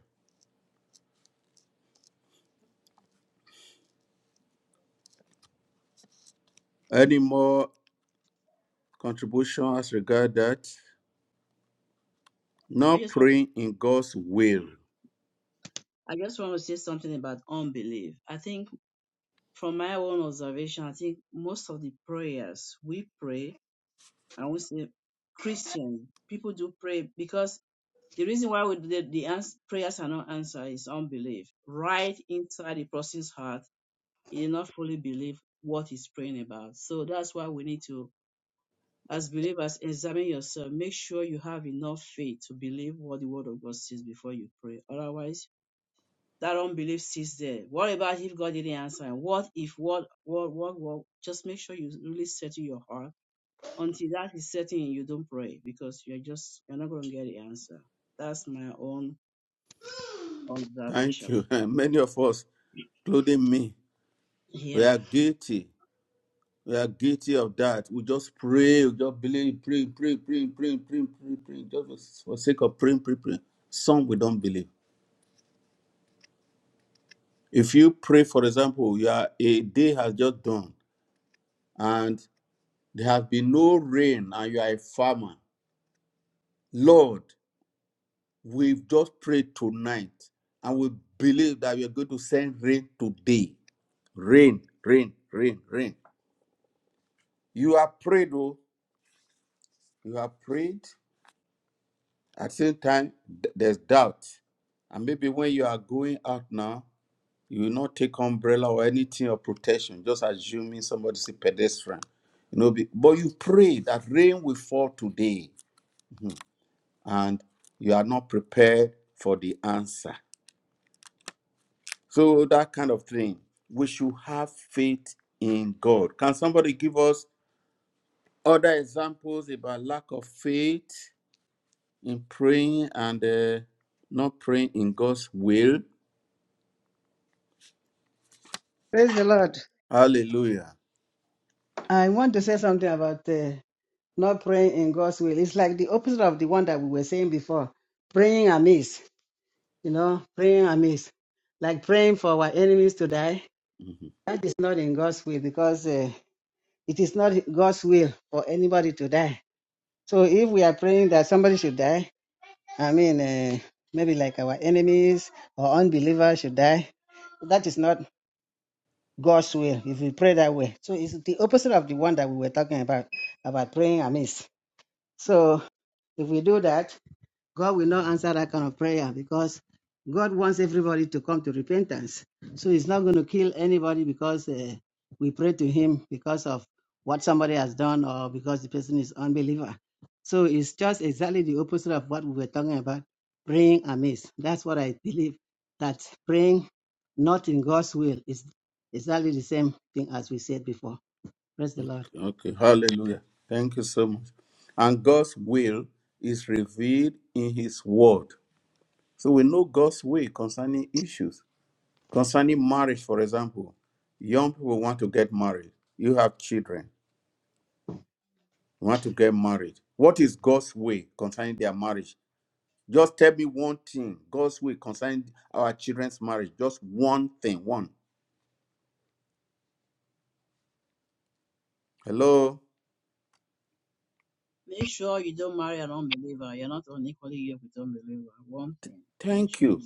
[SPEAKER 1] Any more contribution as regard that.
[SPEAKER 2] I
[SPEAKER 1] Not
[SPEAKER 2] just, want,
[SPEAKER 1] praying in God's will.
[SPEAKER 2] I just want to say something about unbelief. I think from my own observation, I think most of the prayers we pray, I won't say Christians, people do pray because The reason why we, the, the ans- prayers are not answered is unbelief. Right inside the person's heart, he did not fully believe what he's praying about. So that's why we need to, as believers, examine yourself. Make sure you have enough faith to believe what the word of God says before you pray. Otherwise, that unbelief sits there. What about if God didn't answer? And What if what what what what? Just make sure you really settle your heart. Until that is setting, you don't pray because you're just you're not going to get the answer. That's my own
[SPEAKER 1] Thank
[SPEAKER 2] Observation.
[SPEAKER 1] you. [LAUGHS] Many of us, including me, we
[SPEAKER 2] Yeah.
[SPEAKER 1] are guilty. We are guilty of that. We just pray, we just believe, pray, pray, pray, pray, pray, pray, pray, just for sake of praying, pray, pray. Some we don't believe. If you pray, for example, you are a day has just done and there has been no rain and you are a farmer. Lord, We've just prayed tonight and we believe that we are going to send rain today. Rain, rain, rain, rain. You have prayed, oh, you have prayed. At the same time, th- there's doubt. And maybe when you are going out now, you will not take umbrella or anything or protection, just assuming somebody's a pedestrian. You know, be- but you pray that rain will fall today and you are not prepared for the answer. So that kind of thing. We should have faith in God. Can somebody give us other examples about lack of faith in praying and uh, not praying in God's will?
[SPEAKER 3] Praise the Lord.
[SPEAKER 1] Hallelujah.
[SPEAKER 3] I want to say something about uh, not praying in God's will. It's like the opposite of the one that we were saying before praying amiss, you know, praying amiss. Like praying for our enemies to die.
[SPEAKER 1] Mhm.
[SPEAKER 3] That is not in God's will because. uh, It is not God's will for anybody to die. So if we are praying that somebody should die, I mean, uh, maybe like our enemies or unbelievers should die, that is not God's will if we pray that way. So it's the opposite of the one that we were talking about, about praying amiss. So if we do that, God will not answer that kind of prayer because God wants everybody to come to repentance. So He's not going to kill anybody because uh, we pray to Him because of what somebody has done or because the person is unbeliever. So it's just exactly the opposite of what we were talking about praying amiss. That's what I believe that praying not in God's will is exactly the same thing as we said before. Praise the Lord.
[SPEAKER 1] Okay, hallelujah. Thank you so much. And God's will is revealed in His Word. So we know God's will concerning issues, concerning marriage, for example. Young people want to get married. You have children We want to get married. What is God's way concerning their marriage? Just tell me one thing. God's way concerning our children's marriage. Just one thing. One. Hello.
[SPEAKER 2] Make sure you don't marry an unbeliever. You're not unequally yoked with unbeliever. One thing. Make
[SPEAKER 1] Thank
[SPEAKER 2] sure
[SPEAKER 1] you.
[SPEAKER 2] you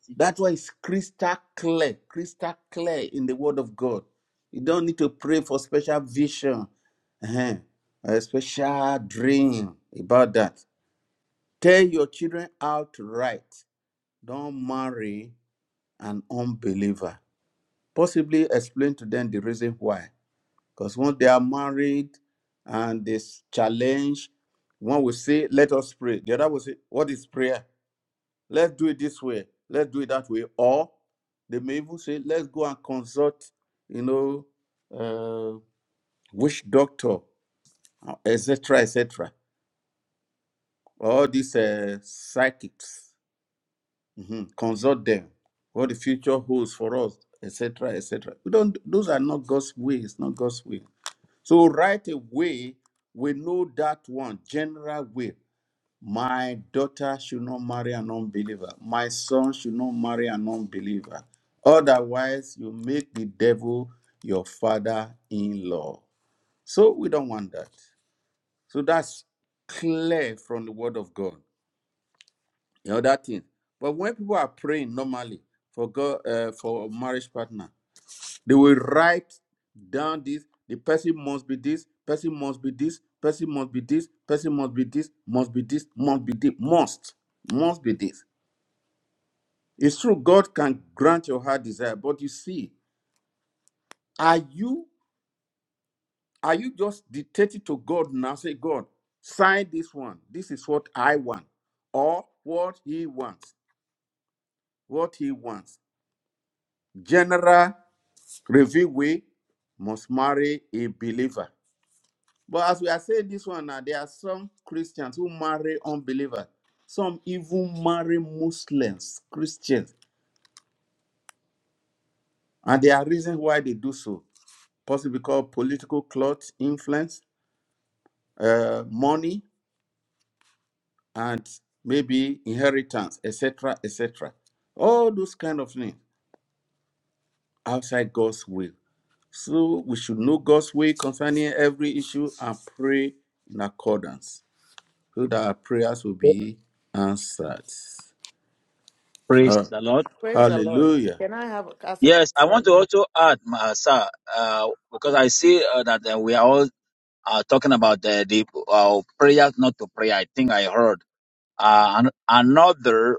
[SPEAKER 2] see
[SPEAKER 1] That why
[SPEAKER 2] Christian.
[SPEAKER 1] it's crystal clear, crystal clear in the Word of God. You don't need to pray for special vision, eh, a special dream about that. Tell your children outright. Don't marry an unbeliever. Possibly explain to them the reason why Because when they are married and this challenge, one will say, Let us pray. The other will say, What is prayer? Let's do it this way. Let's do it that way. Or they may even say, Let's go and consult, you know, uh, witch doctor, etc., etc. All these uh, psychics, mhm, consult them. What the future holds for us, etc., etc. We don't. Those are not God's ways. Not God's way. So right away, we know that one general will. My daughter should not marry an unbeliever. My son should not marry an unbeliever. Otherwise, you make the devil your father in law. So we don't want that. So that's clear from the word of God. You know that thing. But when people are praying normally for God uh, for a marriage partner, they will write down this. The person must be this. Person must be this. Person must be this. Person must be this. Must be this. Must be this. Must. Must be this. It's true. God can grant your heart desire, but you see, are you are you just dictating to God now? Say, God, sign this one. This is what I want, or what He wants. What He wants. General review way must marry a believer. But as we are saying this one now, there are some Christians who marry unbelievers. Some even marry Muslims, Christians. And there are reasons why they do so. Possibly because political clout, influence, uh, money, and maybe inheritance, etc., etc. All those kind of things outside God's will. So we should know God's will concerning every issue and pray in accordance so that our prayers will be answered. All
[SPEAKER 5] Praise
[SPEAKER 1] right.
[SPEAKER 5] the Lord.
[SPEAKER 6] Praise the Lord.
[SPEAKER 1] Hallelujah.
[SPEAKER 6] Can I have ask a question?
[SPEAKER 5] Yes, I want
[SPEAKER 6] Sorry.
[SPEAKER 5] to
[SPEAKER 2] Hallelujah.
[SPEAKER 5] also add, ma- sir, uh, because I see uh, that uh, we are all uh, talking about the, the uh, prayers not to pray. I think I heard. Uh, an- another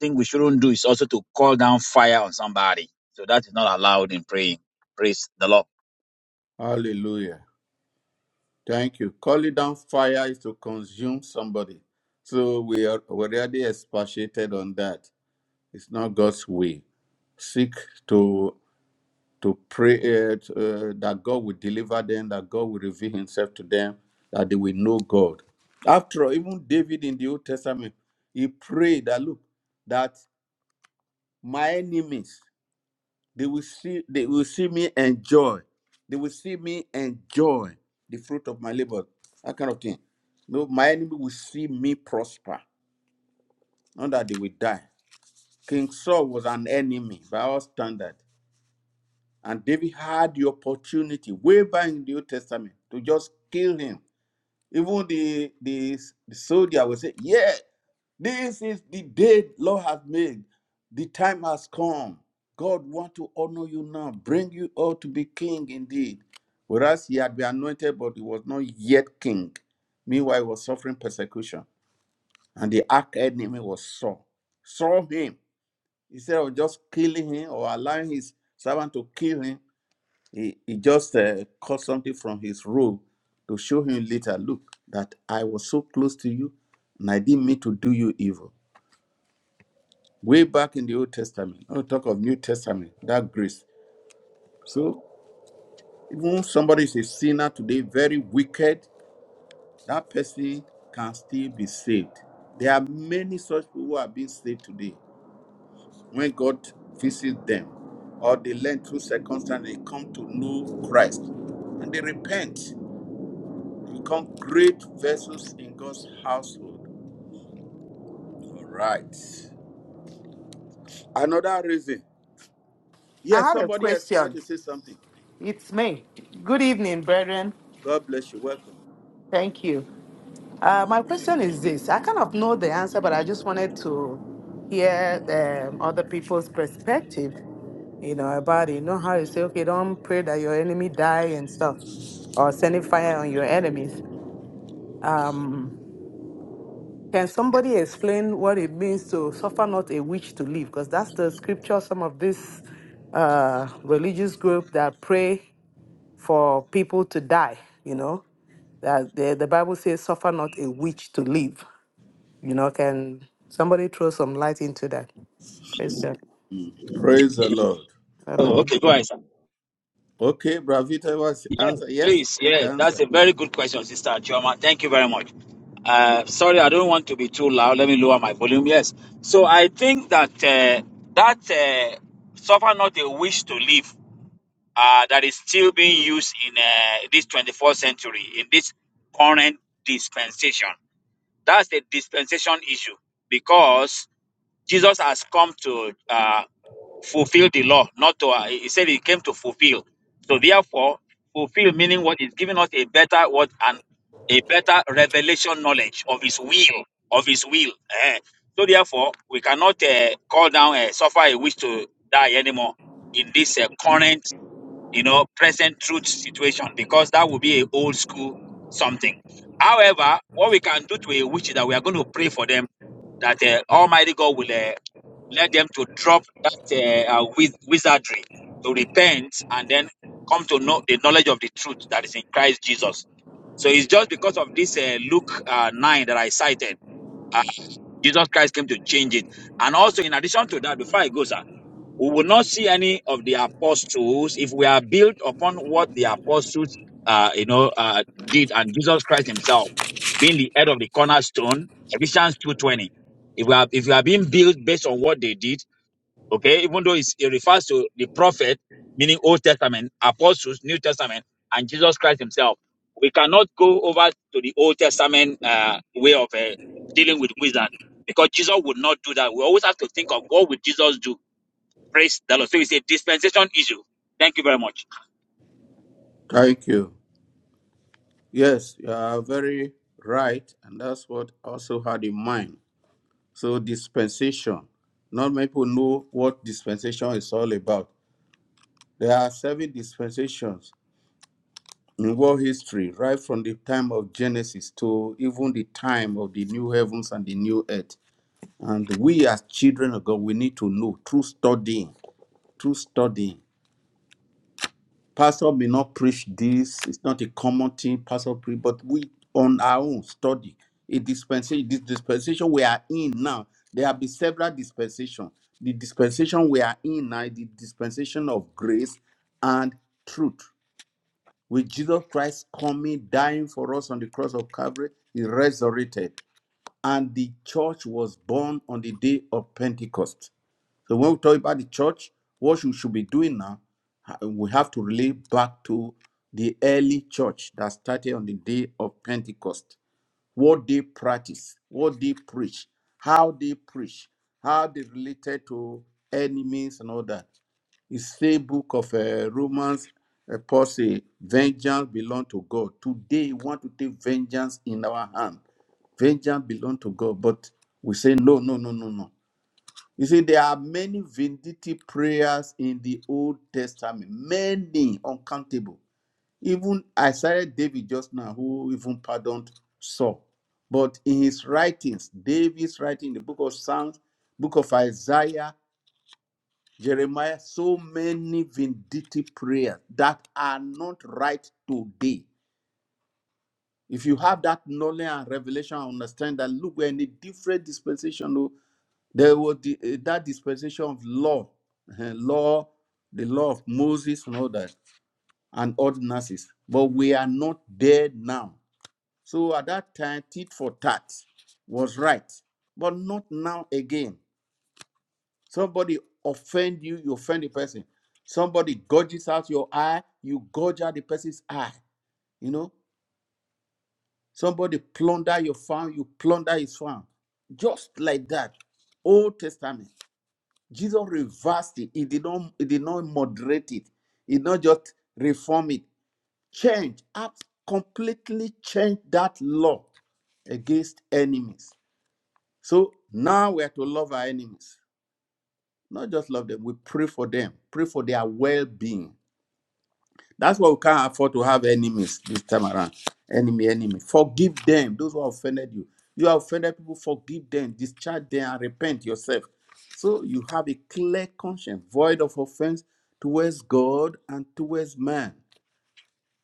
[SPEAKER 5] thing we shouldn't do is also to call down fire on somebody. So that is not allowed in praying. Praise the Lord.
[SPEAKER 1] Hallelujah. Thank you. Calling down fire is to consume somebody. So we are already expatiated on that. It's not God's way. Seek to to pray uh, to, uh, that God will deliver them, that God will reveal Himself to them, that they will know God. After all, even David in the Old Testament, he prayed that look, that my enemies They will see, they will see me enjoy. They will see me enjoy the fruit of my labor. That kind of thing. No, my enemy will see me prosper. Not that they will die. King Saul was an enemy by our standard. And David had the opportunity way back in the Old Testament to just kill him. Even the, the, the soldier will say, Yeah, this is the day the Lord has made. The time has come. God want to honor you now, bring you out to be king indeed. Whereas he had been anointed, but he was not yet king. Meanwhile, he was suffering persecution. And the arch enemy was Saul. Saw him. Instead of just killing him or allowing his servant to kill him, he, he just uh, caught something from his robe to show him later, look, that I was so close to you and I didn't mean to do you evil. Way back in the Old Testament, not talk of New Testament, that grace. So even if somebody is a sinner today, very wicked, that person can still be saved. There are many such people who are being saved today. When God visits them, or they learn through circumstance, they come to know Christ and they repent Become great vessels in God's household. All right. Another reason.
[SPEAKER 6] I
[SPEAKER 1] Yes,
[SPEAKER 6] had a
[SPEAKER 1] somebody else wanted
[SPEAKER 6] question.
[SPEAKER 1] to say something.
[SPEAKER 6] It's me. Good evening, brethren.
[SPEAKER 1] God bless you. Welcome.
[SPEAKER 6] Thank you. Uh, my question is this. I kind of know the answer, but I just wanted to hear um, other people's perspective, you know, about it. You know how you say, okay, don't pray that your enemy die and stuff, or sending fire on your enemies. Um. Can somebody explain what it means to suffer not a witch to live? Because that's the scripture some of this uh, religious group that pray for people to die, you know, that the, the Bible says, suffer not a witch to live. You know, can somebody throw some light into that? Praise God.
[SPEAKER 1] Praise the Lord.
[SPEAKER 5] Oh,
[SPEAKER 6] Hallelujah.
[SPEAKER 5] okay, go ahead, sir.
[SPEAKER 1] Okay, Bravita was
[SPEAKER 5] Yes,
[SPEAKER 1] answer. Yes,
[SPEAKER 5] please.
[SPEAKER 1] you
[SPEAKER 5] Yeah,
[SPEAKER 1] can
[SPEAKER 5] that's
[SPEAKER 1] answer.
[SPEAKER 5] a very good question, Sister Chioma. Thank you very much. Uh, sorry, I don't want to be too loud. Let me lower my volume. Yes. So I think that uh, that uh, suffer not a wish to live uh, that is still being used in uh, this 24th century, in this current dispensation. That's the dispensation issue because Jesus has come to uh, fulfill the law, not to. Uh, he said he came to fulfill. So therefore, fulfill meaning what is giving us a better what and a better revelation knowledge of His will, of His will. Eh. So therefore, we cannot uh, call down uh, suffer a wish to die anymore in this uh, current you know, present truth situation because that would be a old school something. However, what we can do to a witch is that we are going to pray for them that uh, Almighty God will uh, let them to drop that uh, uh, wiz- wizardry, to repent, and then come to know the knowledge of the truth that is in Christ Jesus. So it's just because of this uh, Luke uh, 9 that I cited, uh, Jesus Christ came to change it. And also, in addition to that, before I go, sir, we will not see any of the apostles if we are built upon what the apostles, uh, you know, uh, did and Jesus Christ himself being the head of the cornerstone, Ephesians 2.20. If we are, if you are being built based on what they did, okay, even though it's, it refers to the prophet, meaning Old Testament, apostles, New Testament, and Jesus Christ himself, we cannot go over to the Old Testament, uh, way of, uh, dealing with wizards because Jesus would not do that. We always have to think of what would Jesus do Praise the Lord. So it's a dispensation issue. Thank you very much.
[SPEAKER 1] Thank you. Yes, you are very right, and that's what I also had in mind. So dispensation. Not many people know what dispensation is all about. There are seven dispensations in world history, right from the time of Genesis to even the time of the new heavens and the new earth. And we as children of God, we need to know through studying, through studying. Pastor may not preach this, it's not a common thing, Pastor preach, but we on our own study. A dispensation, this dispensation we are in now, there have been several dispensations. The dispensation we are in now, the dispensation of grace and truth. with Jesus Christ coming, dying for us on the cross of Calvary, he resurrected. And the church was born on the day of Pentecost. So when we talk about the church, what we should be doing now, uh, we have to relate back to the early church that started on the day of Pentecost what they practice, what they preach, how they preach, how they related to enemies and all that. It's the book of uh, Romans. Uh, Paul say, "Vengeance belong to God." Today, we want to take vengeance in our hand. Vengeance belong to God, but we say, "No, no, no, no, no." You see, there are many vindictive prayers in the Old Testament, many uncountable. Even I cited David just now, who even pardoned Saul. But in his writings, David's writing, the book of Psalms, book of Isaiah, Jeremiah, so many vindictive prayers that are not right today. If you have that knowledge and revelation, understand that look, we're in a different dispensation. oh. There was the, eh, that dispensation of law, eh, law, the law of Moses and all that, and ordinances. But we are not there now. So at that time, tit for tat was right, but not now again. Somebody offend you, you offend the person. Somebody gorges out your eye, you gorge out the person's eye. You know, somebody plunder your farm, you plunder his farm. Just like that, Old Testament, Jesus reversed it. He did not, he did not moderate it. He did not just reform it. Change, abs- completely change that law against enemies So now we are to love our enemies, not just love them. We pray for them, pray for their well-being. That's why we can't afford to have enemies this time around. Enemy, enemy. Forgive them. Those who offended you, you have offended people. Forgive them. Discharge them and repent yourself. So you have a clear conscience, void of offense towards God and towards man.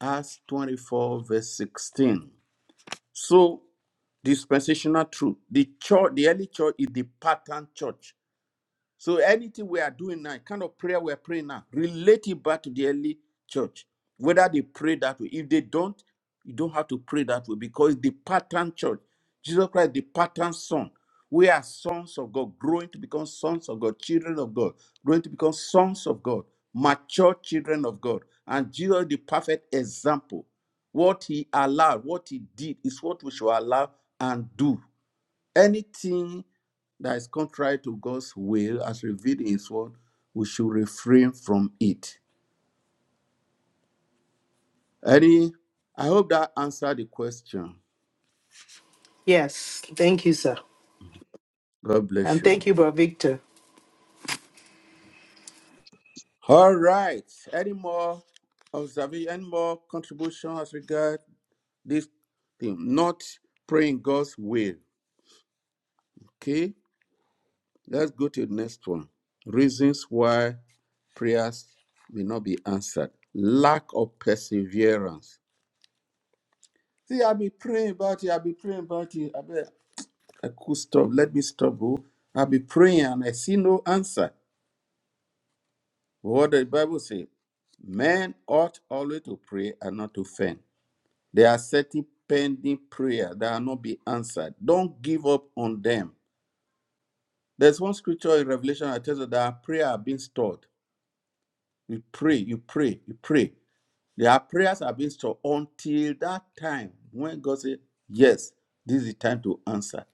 [SPEAKER 1] Acts 24, verse 16. So dispensational truth. The church, the early church is the pattern church So anything we are doing now, kind of prayer we are praying now, relate it back to the early church. Whether they pray that way. If they don't, you don't have to pray that way because the pattern church, Jesus Christ, the pattern son. We are sons of God, growing to become sons of God, children of God, growing to become sons of God, mature children of God. And Jesus, the perfect example. What he allowed, what he did, is what we should allow and do. Anything that is contrary to God's will as revealed in His word, we should refrain from it. Eddie, I hope that answered the question.
[SPEAKER 6] Yes. Thank you, sir.
[SPEAKER 1] God bless
[SPEAKER 6] And
[SPEAKER 1] you.
[SPEAKER 6] thank you, Brother Victor.
[SPEAKER 1] All right. Any more observation, any more contribution as regard this thing? Not praying God's will. Okay. Let's go to the next one. Reasons why prayers may not be answered. Lack of perseverance See, I'll be praying about you. I'll be praying about you. I bet I could stop. Let me stop. Oh. I'll be praying and I see no answer. What the Bible says men ought always to pray and not to faint. There are certain pending prayer that are not be answered. Don't give up on them. There's one scripture in Revelation that tells us that our prayer are being stored. You pray, you pray, you pray. Their prayers are being stored until that time when God says, Yes, this is the time to answer.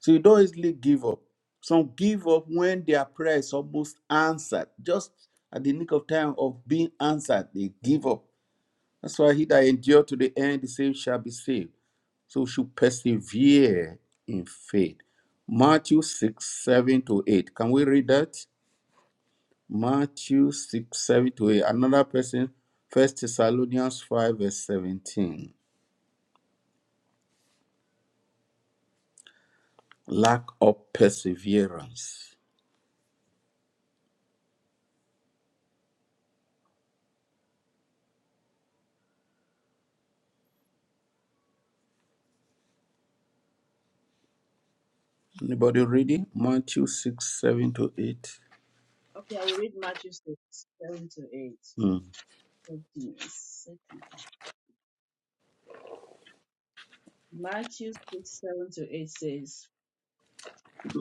[SPEAKER 1] So you don't easily give up. Some give up when their prayer is almost answered. Just at the nick of time of being answered, they give up. That's why he that endure to the end, the same shall be saved. So we should persevere in faith. Matthew 6, 7 to 8. Can we read that? Matthew 6, 7 to 8. Another person, First Thessalonians 5, verse 17. Lack of perseverance. Anybody reading? Matthew 6, 7 to 8.
[SPEAKER 2] Okay, I will read Matthew 6, 7 to 8.
[SPEAKER 1] Mm.
[SPEAKER 2] Hold on Matthew 6, 7 to 8 says, [CLEARS THROAT]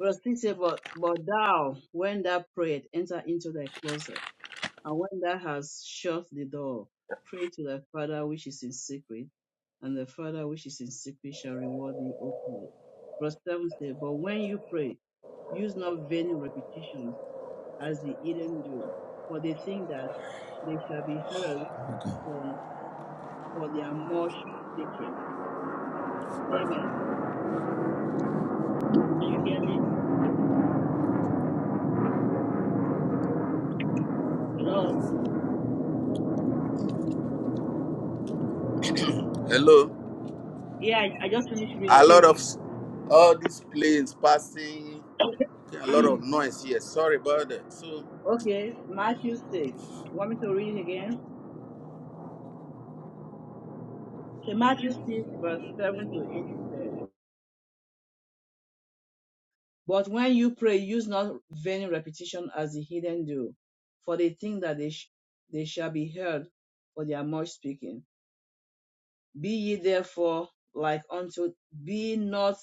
[SPEAKER 2] Verse 6 says, but, but thou, when thou prayest, enter into thy closet And when thou hast shut the door, pray to thy Father which is in secret, and the Father which is in secret shall reward thee openly. Verse 7 says, But when you pray, use not vain repetitions as the heathen do, for they think that they shall be heard
[SPEAKER 1] Okay.
[SPEAKER 2] for, for their much speaking. Amen. Can you hear me? Hello?
[SPEAKER 1] Hello.
[SPEAKER 2] Yeah, I, I just finished reading.
[SPEAKER 1] A lot of s- all these planes passing, okay, a
[SPEAKER 2] I
[SPEAKER 1] lot of
[SPEAKER 2] think,
[SPEAKER 1] noise here. Sorry about that. So,
[SPEAKER 2] [CLEARS THROAT] okay, Matthew 6. want me to read it again? So Matthew 6, verse 7 to 8 it says, But when you pray, use not vain repetition as the heathen do, for they think that they, sh- they shall be heard for their much speaking. Be ye therefore like unto, be not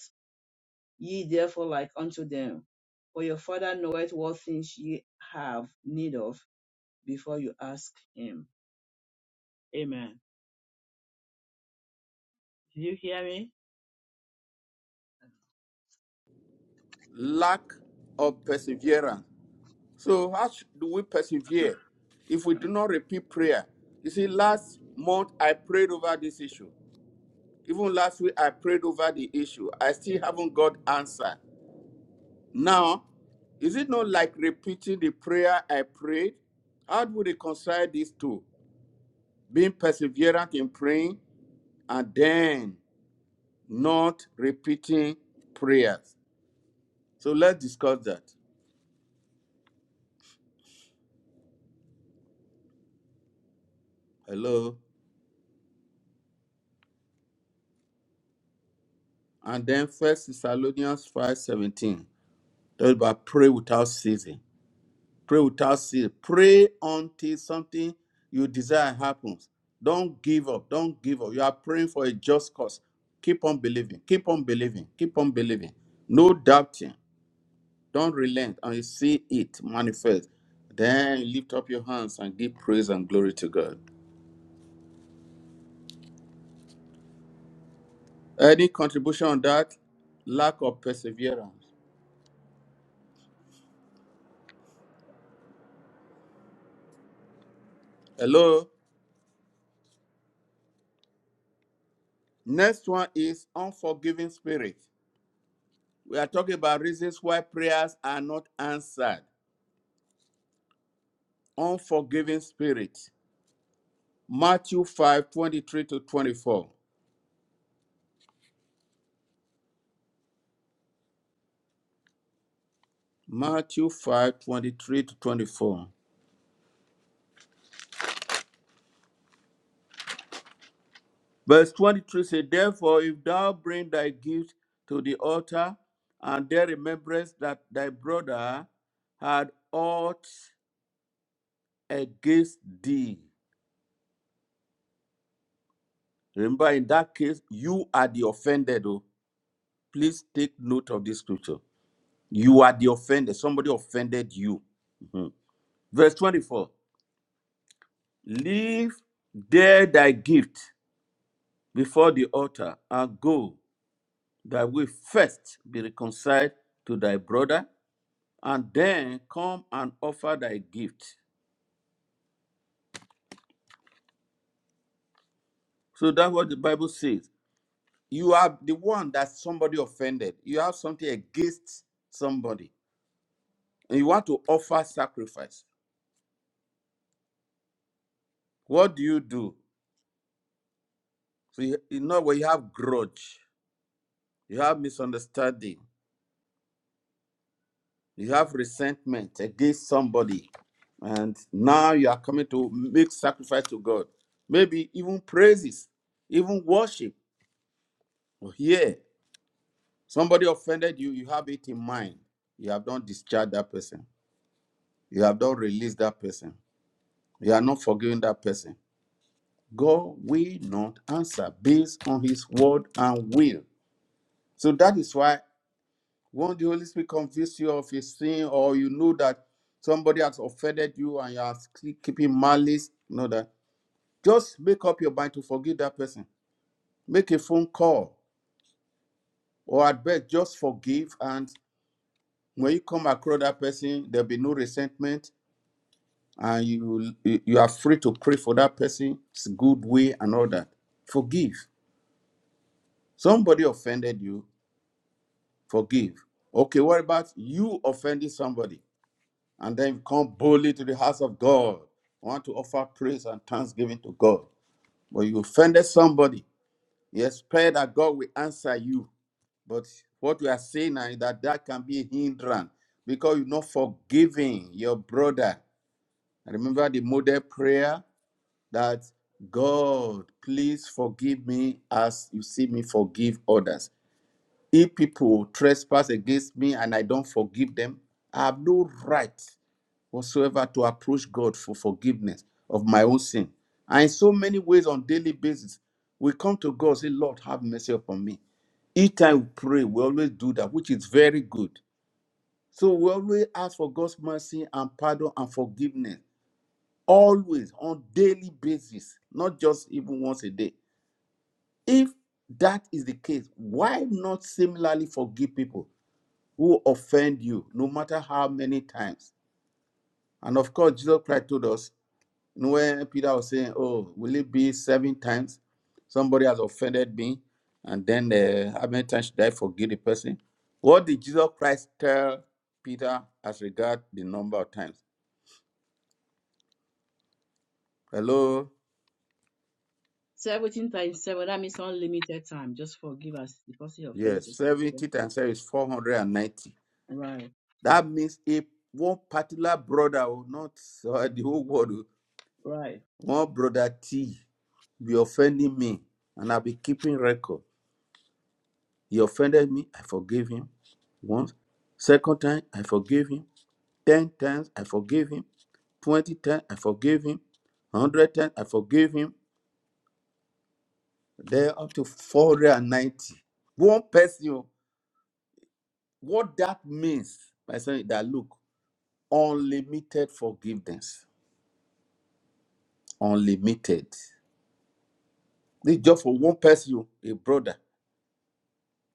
[SPEAKER 2] ye therefore like unto them, for your Father knoweth what things ye have need of before you ask him. Amen. Do you hear me?
[SPEAKER 1] lack of perseverance. So, how sh- do we persevere if we do not repeat prayer? You see, last month I prayed over this issue. Even last week I prayed over the issue. I still haven't got answer. Now, is it not like repeating the prayer I prayed? How do we reconcile these two? Being perseverant in praying and then not repeating prayers. So let's discuss that. Hello. And then First Thessalonians 5:17. Talk about pray without ceasing. Pray without ceasing. Pray until something you desire happens. Don't give up. Don't give up. You are praying for a just cause. Keep on believing. Keep on believing. Keep on believing. No doubting. Don't relent and you see it manifest. Then lift up your hands and give praise and glory to God. Any contribution on that? Lack of perseverance. Hello. Next one is unforgiving spirit. We are talking about reasons why prayers are not answered. Unforgiving spirit. Matthew 5 23 to 24. Matthew 5 23 to 24. Verse 23 says, Therefore, if thou bring thy gift to the altar, and there rememberest that thy brother had ought against thee, Remember, in that case, you are the offended. Oh, please take note of this scripture. You are the offender. Somebody offended you. Mhm. Verse 24 Leave there thy gift before the altar and go thy way first, be reconciled to thy brother, and then come and offer thy gift. So that's what the Bible says. You are the one that somebody offended. You have something against somebody, and you want to offer sacrifice. What do you do? So you, you know when you have grudge, you have misunderstanding, you have resentment against somebody, and now you are coming to make sacrifice to God. Maybe even praises, even worship. Or Here, somebody offended you, you have it in mind. You have not discharged that person. You have not released that person. You are not forgiving that person. God will not answer based on his word and will. So that is why Won't the Holy Spirit convince you of a sin or you know that somebody has offended you and you are still keeping malice? Know that. Just make up your mind to forgive that person. Make a phone call or at best just forgive. And when you come across that person, there'll be no resentment and you, you are free to pray for that person's good way and all that. Forgive. Somebody offended you, forgive. Okay, what about you offending somebody? and then you come boldly to the house of God. You want to offer praise and thanksgiving to God. But you offended somebody. You expect that God will answer you. But what we are saying now is that that can be a hindrance because you're not forgiving your brother. I Remember the model prayer that God, please forgive me as you see me forgive others. If people trespass against me and I don't forgive them, I have no right whatsoever to approach God for forgiveness of my own sin. And in so many ways on daily basis, we come to God, say, Lord, have mercy upon me. Each time we pray, we always do that, which is very good. So we always ask for God's mercy and pardon and forgiveness. Always on daily basis, not just even once a day. If that is the case, why not similarly forgive people who offend you, no matter how many times? And of course, Jesus Christ told us where Peter was saying, "Oh, will it be seven times somebody has offended me, and then uh, how many times should I forgive the person?" What did Jesus Christ tell Peter as regard the number of times? Hello,
[SPEAKER 2] 17 times 7, that means unlimited time. Just forgive us. The person who offends you,
[SPEAKER 1] yes,
[SPEAKER 2] forgive
[SPEAKER 1] seventy
[SPEAKER 2] them.
[SPEAKER 1] times seven is four hundred and ninety.
[SPEAKER 2] Right,
[SPEAKER 1] That means if one particular brother, or not uh, the whole world,
[SPEAKER 2] right. I
[SPEAKER 1] one brother T, be offending me, and I'll be keeping record. He offended me, I forgave him once. Second time, I forgave him. Ten times, I forgave him. Twenty times, I forgave him. Hundred times, I forgave him. There up to 490. One person, oh, what that means, my son, is that look, unlimited forgiveness. Unlimited. This is just for one person, oh, a brother.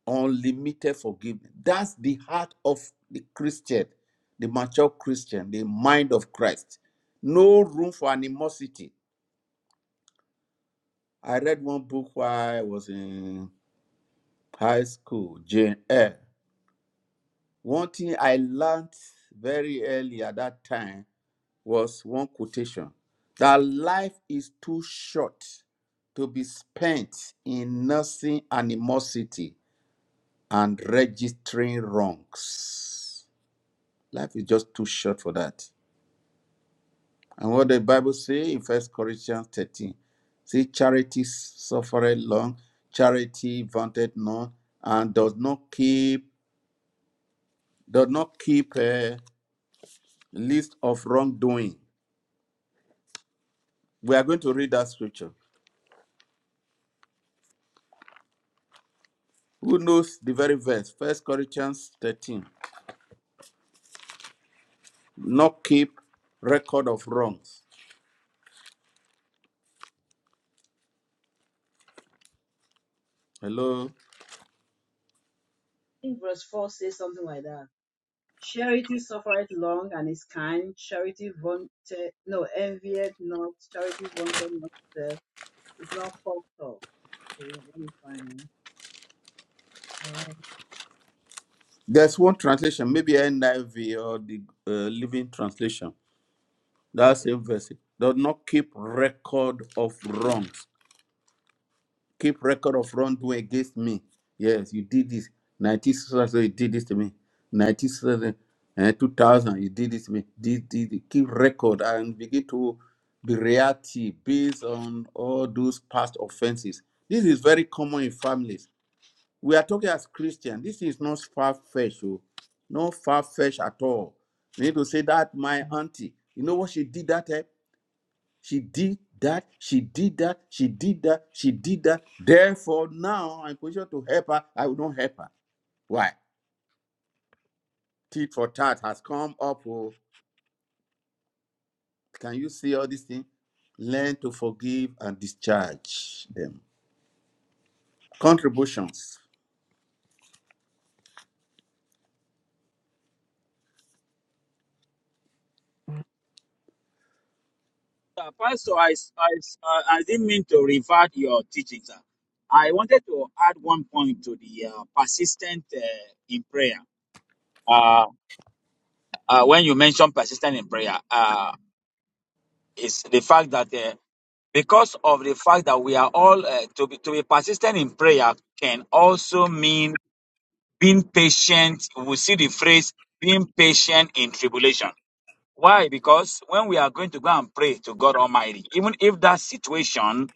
[SPEAKER 1] unlimited forgiveness. That's the heart of the Christian, the mature Christian, the mind of Christ. No room for animosity. I read one book while I was in high school, Jane Eyre. One thing I learned very early at that time was one quotation that life is too short to be spent in nursing animosity and registering wrongs. Life is just too short for that. And what the Bible say in First Corinthians 13, see charity suffereth long, charity vaunted none, and does not keep does not keep a list of wrongdoing. We are going to read that scripture. Who knows the very verse? First Corinthians 13. Not keep record of wrongs. Hello.
[SPEAKER 2] think verse 4 says something like that Charity suffereth long and is kind. Charity vaunted, no, envieth not. Charity vaunted not itself. It's not puffed up. Okay, let me find. Um,
[SPEAKER 1] There's one translation, maybe NIV or the uh, Living Translation. That
[SPEAKER 2] okay.
[SPEAKER 1] same verse. Do not keep record of
[SPEAKER 2] [CLEARS THROAT]
[SPEAKER 1] wrongs. Keep record of wrongdoing against me. Yes, you did this. 1966, you did this to me. Ninety seven, and 2000, you did this to me. This, this, this. Keep record and begin to be reactive based on all those past offenses. This is very common in families. We are talking as Christians. This is not far-fetched. oh. Not far-fetched at all. We need to say that my auntie, you know what she did that time? She did that. She did that. She did that. She did that. Therefore, now I'm positioned to help her. I will not help her. Why? Tit for tat has come up. Oh, can you see all these things? Learn to forgive and discharge them. Contributions.
[SPEAKER 5] Uh, Pastor, I, I, uh, I didn't mean to revert your teachings. uh. I wanted to add one point to the uh, persistent uh, in prayer. Uh, uh, when you mention persistent in prayer, uh, it's the fact that uh, because of the fact that we are all uh, to be to be persistent in prayer can also mean being patient. We see the phrase being patient in tribulation. Why? Because when we are going to go and pray to God Almighty, even if that situation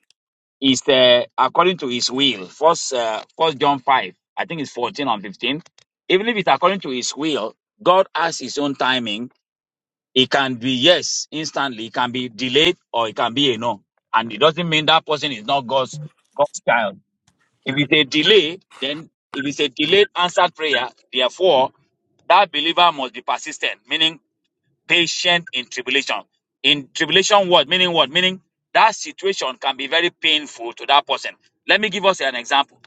[SPEAKER 5] is uh, according to His will, First, uh, First John five, I think it's fourteen and fifteen. Even if it's according to His will, God has His own timing. It can be yes instantly, it can be delayed, or it can be a no. And it doesn't mean that person is not God's God's child. If it's a delay, then if it's a delayed answered prayer, therefore that believer must be persistent, meaning patient in tribulation. In tribulation, what meaning? What meaning that situation can be very painful to that person. Let me give us an example.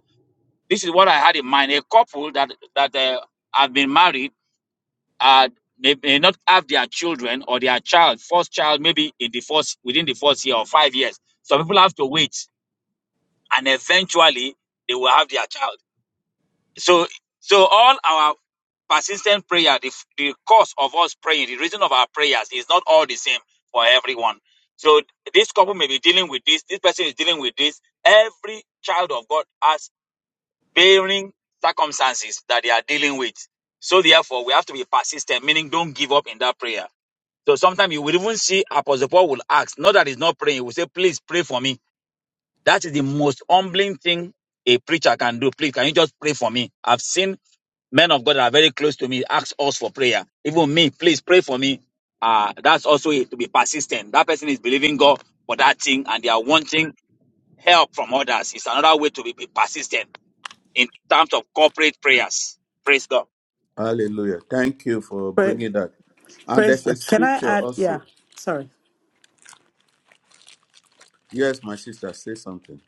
[SPEAKER 5] This is what I had in mind: a couple that that uh, have been married uh, may, may not have their children or their child, first child, maybe in the first within the first year or five years. Some people have to wait, and eventually they will have their child. So, so all our persistent prayer, the, f- the cause of us praying, the reason of our prayers is not all the same for everyone. So this couple may be dealing with this. This person is dealing with this. Every child of God has varying circumstances that they are dealing with. So therefore, we have to be persistent, meaning don't give up in that prayer. So sometimes you will even see Apostle Paul will ask, not that he's not praying, he will say, please pray for me. That is the most humbling thing a preacher can do. Please, can you just pray for me? I've seen men of God that are very close to me ask us for prayer. Even me, please pray for me. Uh, that's also it, to be persistent. That person is believing God for that thing and they are wanting help from others. It's another way to be, be persistent in terms of corporate prayers. Praise God.
[SPEAKER 1] Hallelujah. Thank you for
[SPEAKER 6] Pra-
[SPEAKER 1] bringing that. And
[SPEAKER 6] Praise
[SPEAKER 1] there's a
[SPEAKER 6] God. Can I
[SPEAKER 1] scripture
[SPEAKER 6] add? Yeah.
[SPEAKER 1] also.
[SPEAKER 6] Sorry.
[SPEAKER 1] Yes, my sister, say something.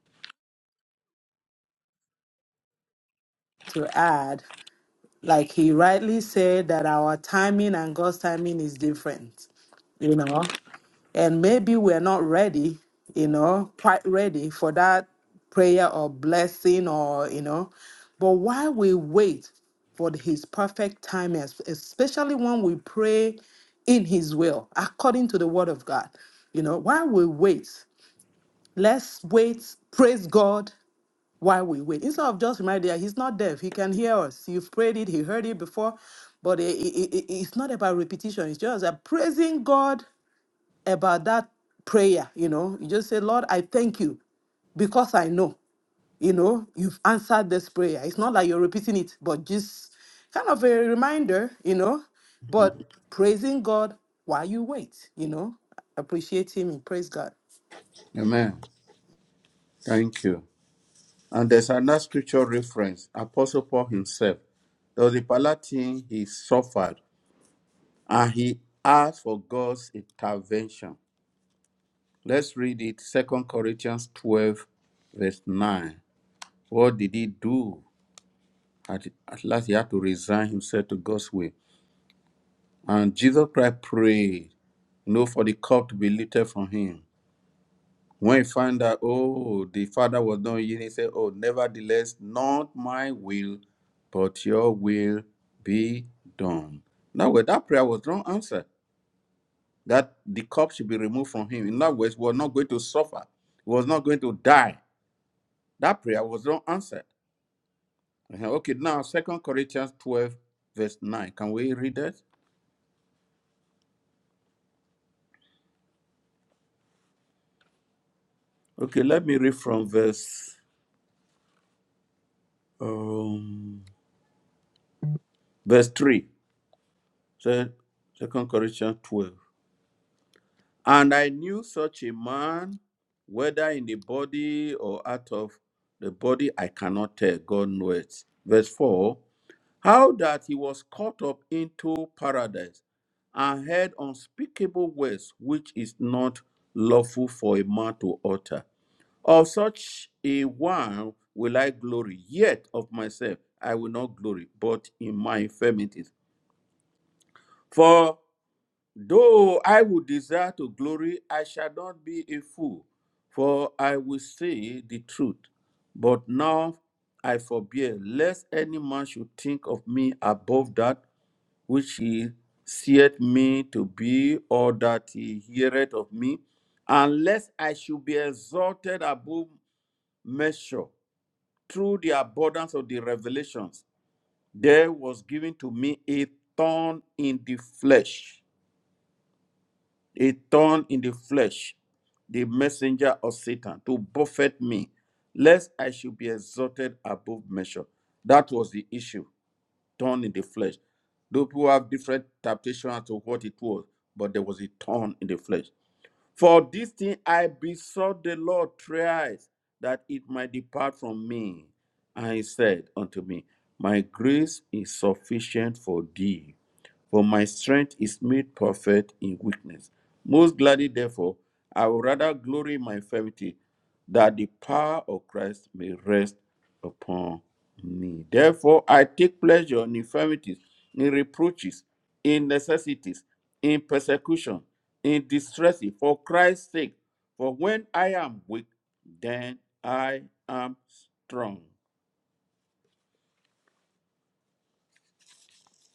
[SPEAKER 6] To add. Like he rightly said, that our timing and God's timing is different, you know, and maybe we're not ready, you know, quite ready for that prayer or blessing or, you know, but while we wait for his perfect time, es- especially when we pray in his will, according to the word of God. You know, while we wait, let's wait, praise God, while we wait. Instead of just reminding that he's not deaf, he can hear us. You've prayed it, he heard it before. But it it i- it's not about repetition, it's just a praising God about that prayer. You know, you just say, Lord, I thank you because I know, you know, you've answered this prayer. It's not like you're repeating it, but just kind of a reminder, you know, but praising God while you wait, you know, appreciate Him and praise God.
[SPEAKER 1] Amen. Thank you. And there's another scripture reference. Apostle Paul himself there was a Palatine he suffered and he asked for God's intervention. Let's read it, Second Corinthians 12, verse 9. What did he do? At, at last, he had to resign himself to God's will. And Jesus Christ prayed, no, for the cup to be lifted from him. When he found out, oh, the Father was not yielding, he said, oh, nevertheless, not my will, but your will be done. Now, well, that prayer was not answered. that the cup should be removed from him. In other words, he was not going to suffer. He was not going to die. That prayer was not answered. Uh-huh. Okay, now Second Corinthians 12, verse 9. Can we read that? Okay, let me read from verse um, verse 3. So, 2 Corinthians 12. And I knew such a man, whether in the body or out of the body, I cannot tell. God knows. Verse 4 How that he was caught up into paradise and heard unspeakable words which is not lawful for a man to utter. Of such a one will I glory, yet of myself I will not glory, but in my infirmities. For though I would desire to glory, I shall not be a fool, for I will say the truth. But now I forbear, lest any man should think of me above that which he seeth me to be, or that he heareth of me, unless I should be exalted above measure through the abundance of the revelations. There was given to me a thorn in the flesh, a thorn in the flesh, the messenger of Satan, to buffet me, lest I should be exalted above measure. That was the issue. thorn in the flesh. Though people have different interpretation to what it was, but there was a thorn in the flesh. For this thing I besought the Lord thrice that it might depart from me. And he said unto me, My grace is sufficient for thee, for my strength is made perfect in weakness. Most gladly, therefore, I will rather glory in my infirmity, that the power of Christ may rest upon me. Therefore, I take pleasure in infirmities, in reproaches, in necessities, in persecution, in distress, for Christ's sake. For when I am weak, then I am strong.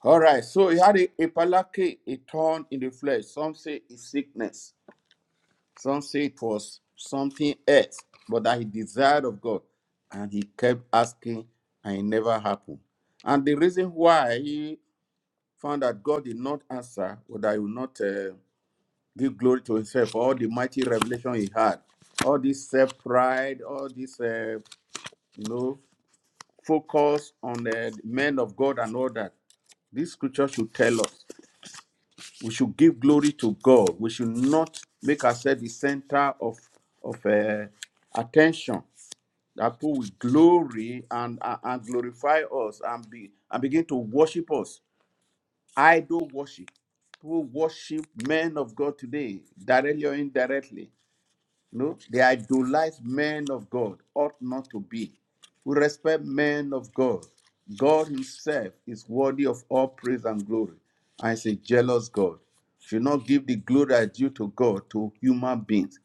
[SPEAKER 1] All right, so he had a, a palaki, a thorn in the flesh. Some say it's sickness. Some say it was something else, but that he desired of God. And he kept asking, and it never happened. And the reason why he found that God did not answer, or that he would not uh, give glory to himself for all the mighty revelation he had, all this self pride, all this, uh, you know, focus on uh, the men of God and all that. This scripture should tell us. We should give glory to God. We should not make ourselves the center of of uh, attention. That people will glory and, and and glorify us and be and begin to worship us. Idol worship. People worship men of God today, directly or indirectly. No, they idolize men of God, ought not to be. We respect men of God. God Himself is worthy of all praise and glory. I say, jealous God. Should not give the glory due to God to human beings.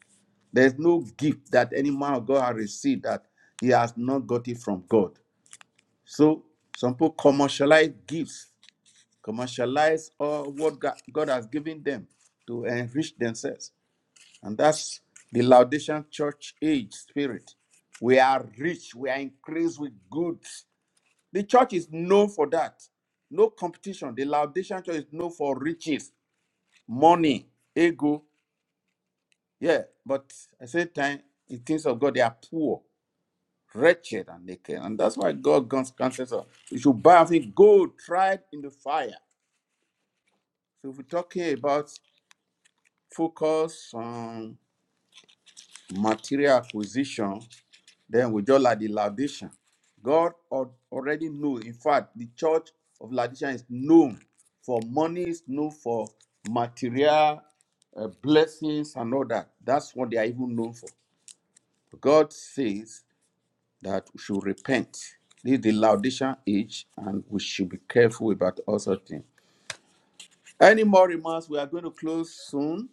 [SPEAKER 1] There's no gift that any man of God has received that he has not got it from God. So some people commercialize gifts, commercialize all what God God has given them to enrich themselves. And that's the Laodicean church age spirit. We are rich, we are increased with goods. The church is known for that. No competition. The Laodicean church is known for riches, money, ego. Yeah, but at the same time, in things of God, they are poor, wretched, and naked. And that's why God guns- counsels us. You should buy of it gold tried in the fire. So if we're talking about focus on material acquisition, Then we just like the Laodicean. God al- already knew. In fact, the church of Laodicea is known for money, is known for material uh, blessings and all that. That's what they are even known for. God says that we should repent. This is the Laodicean age, and we should be careful about all such things. Any more remarks? We are going to close soon.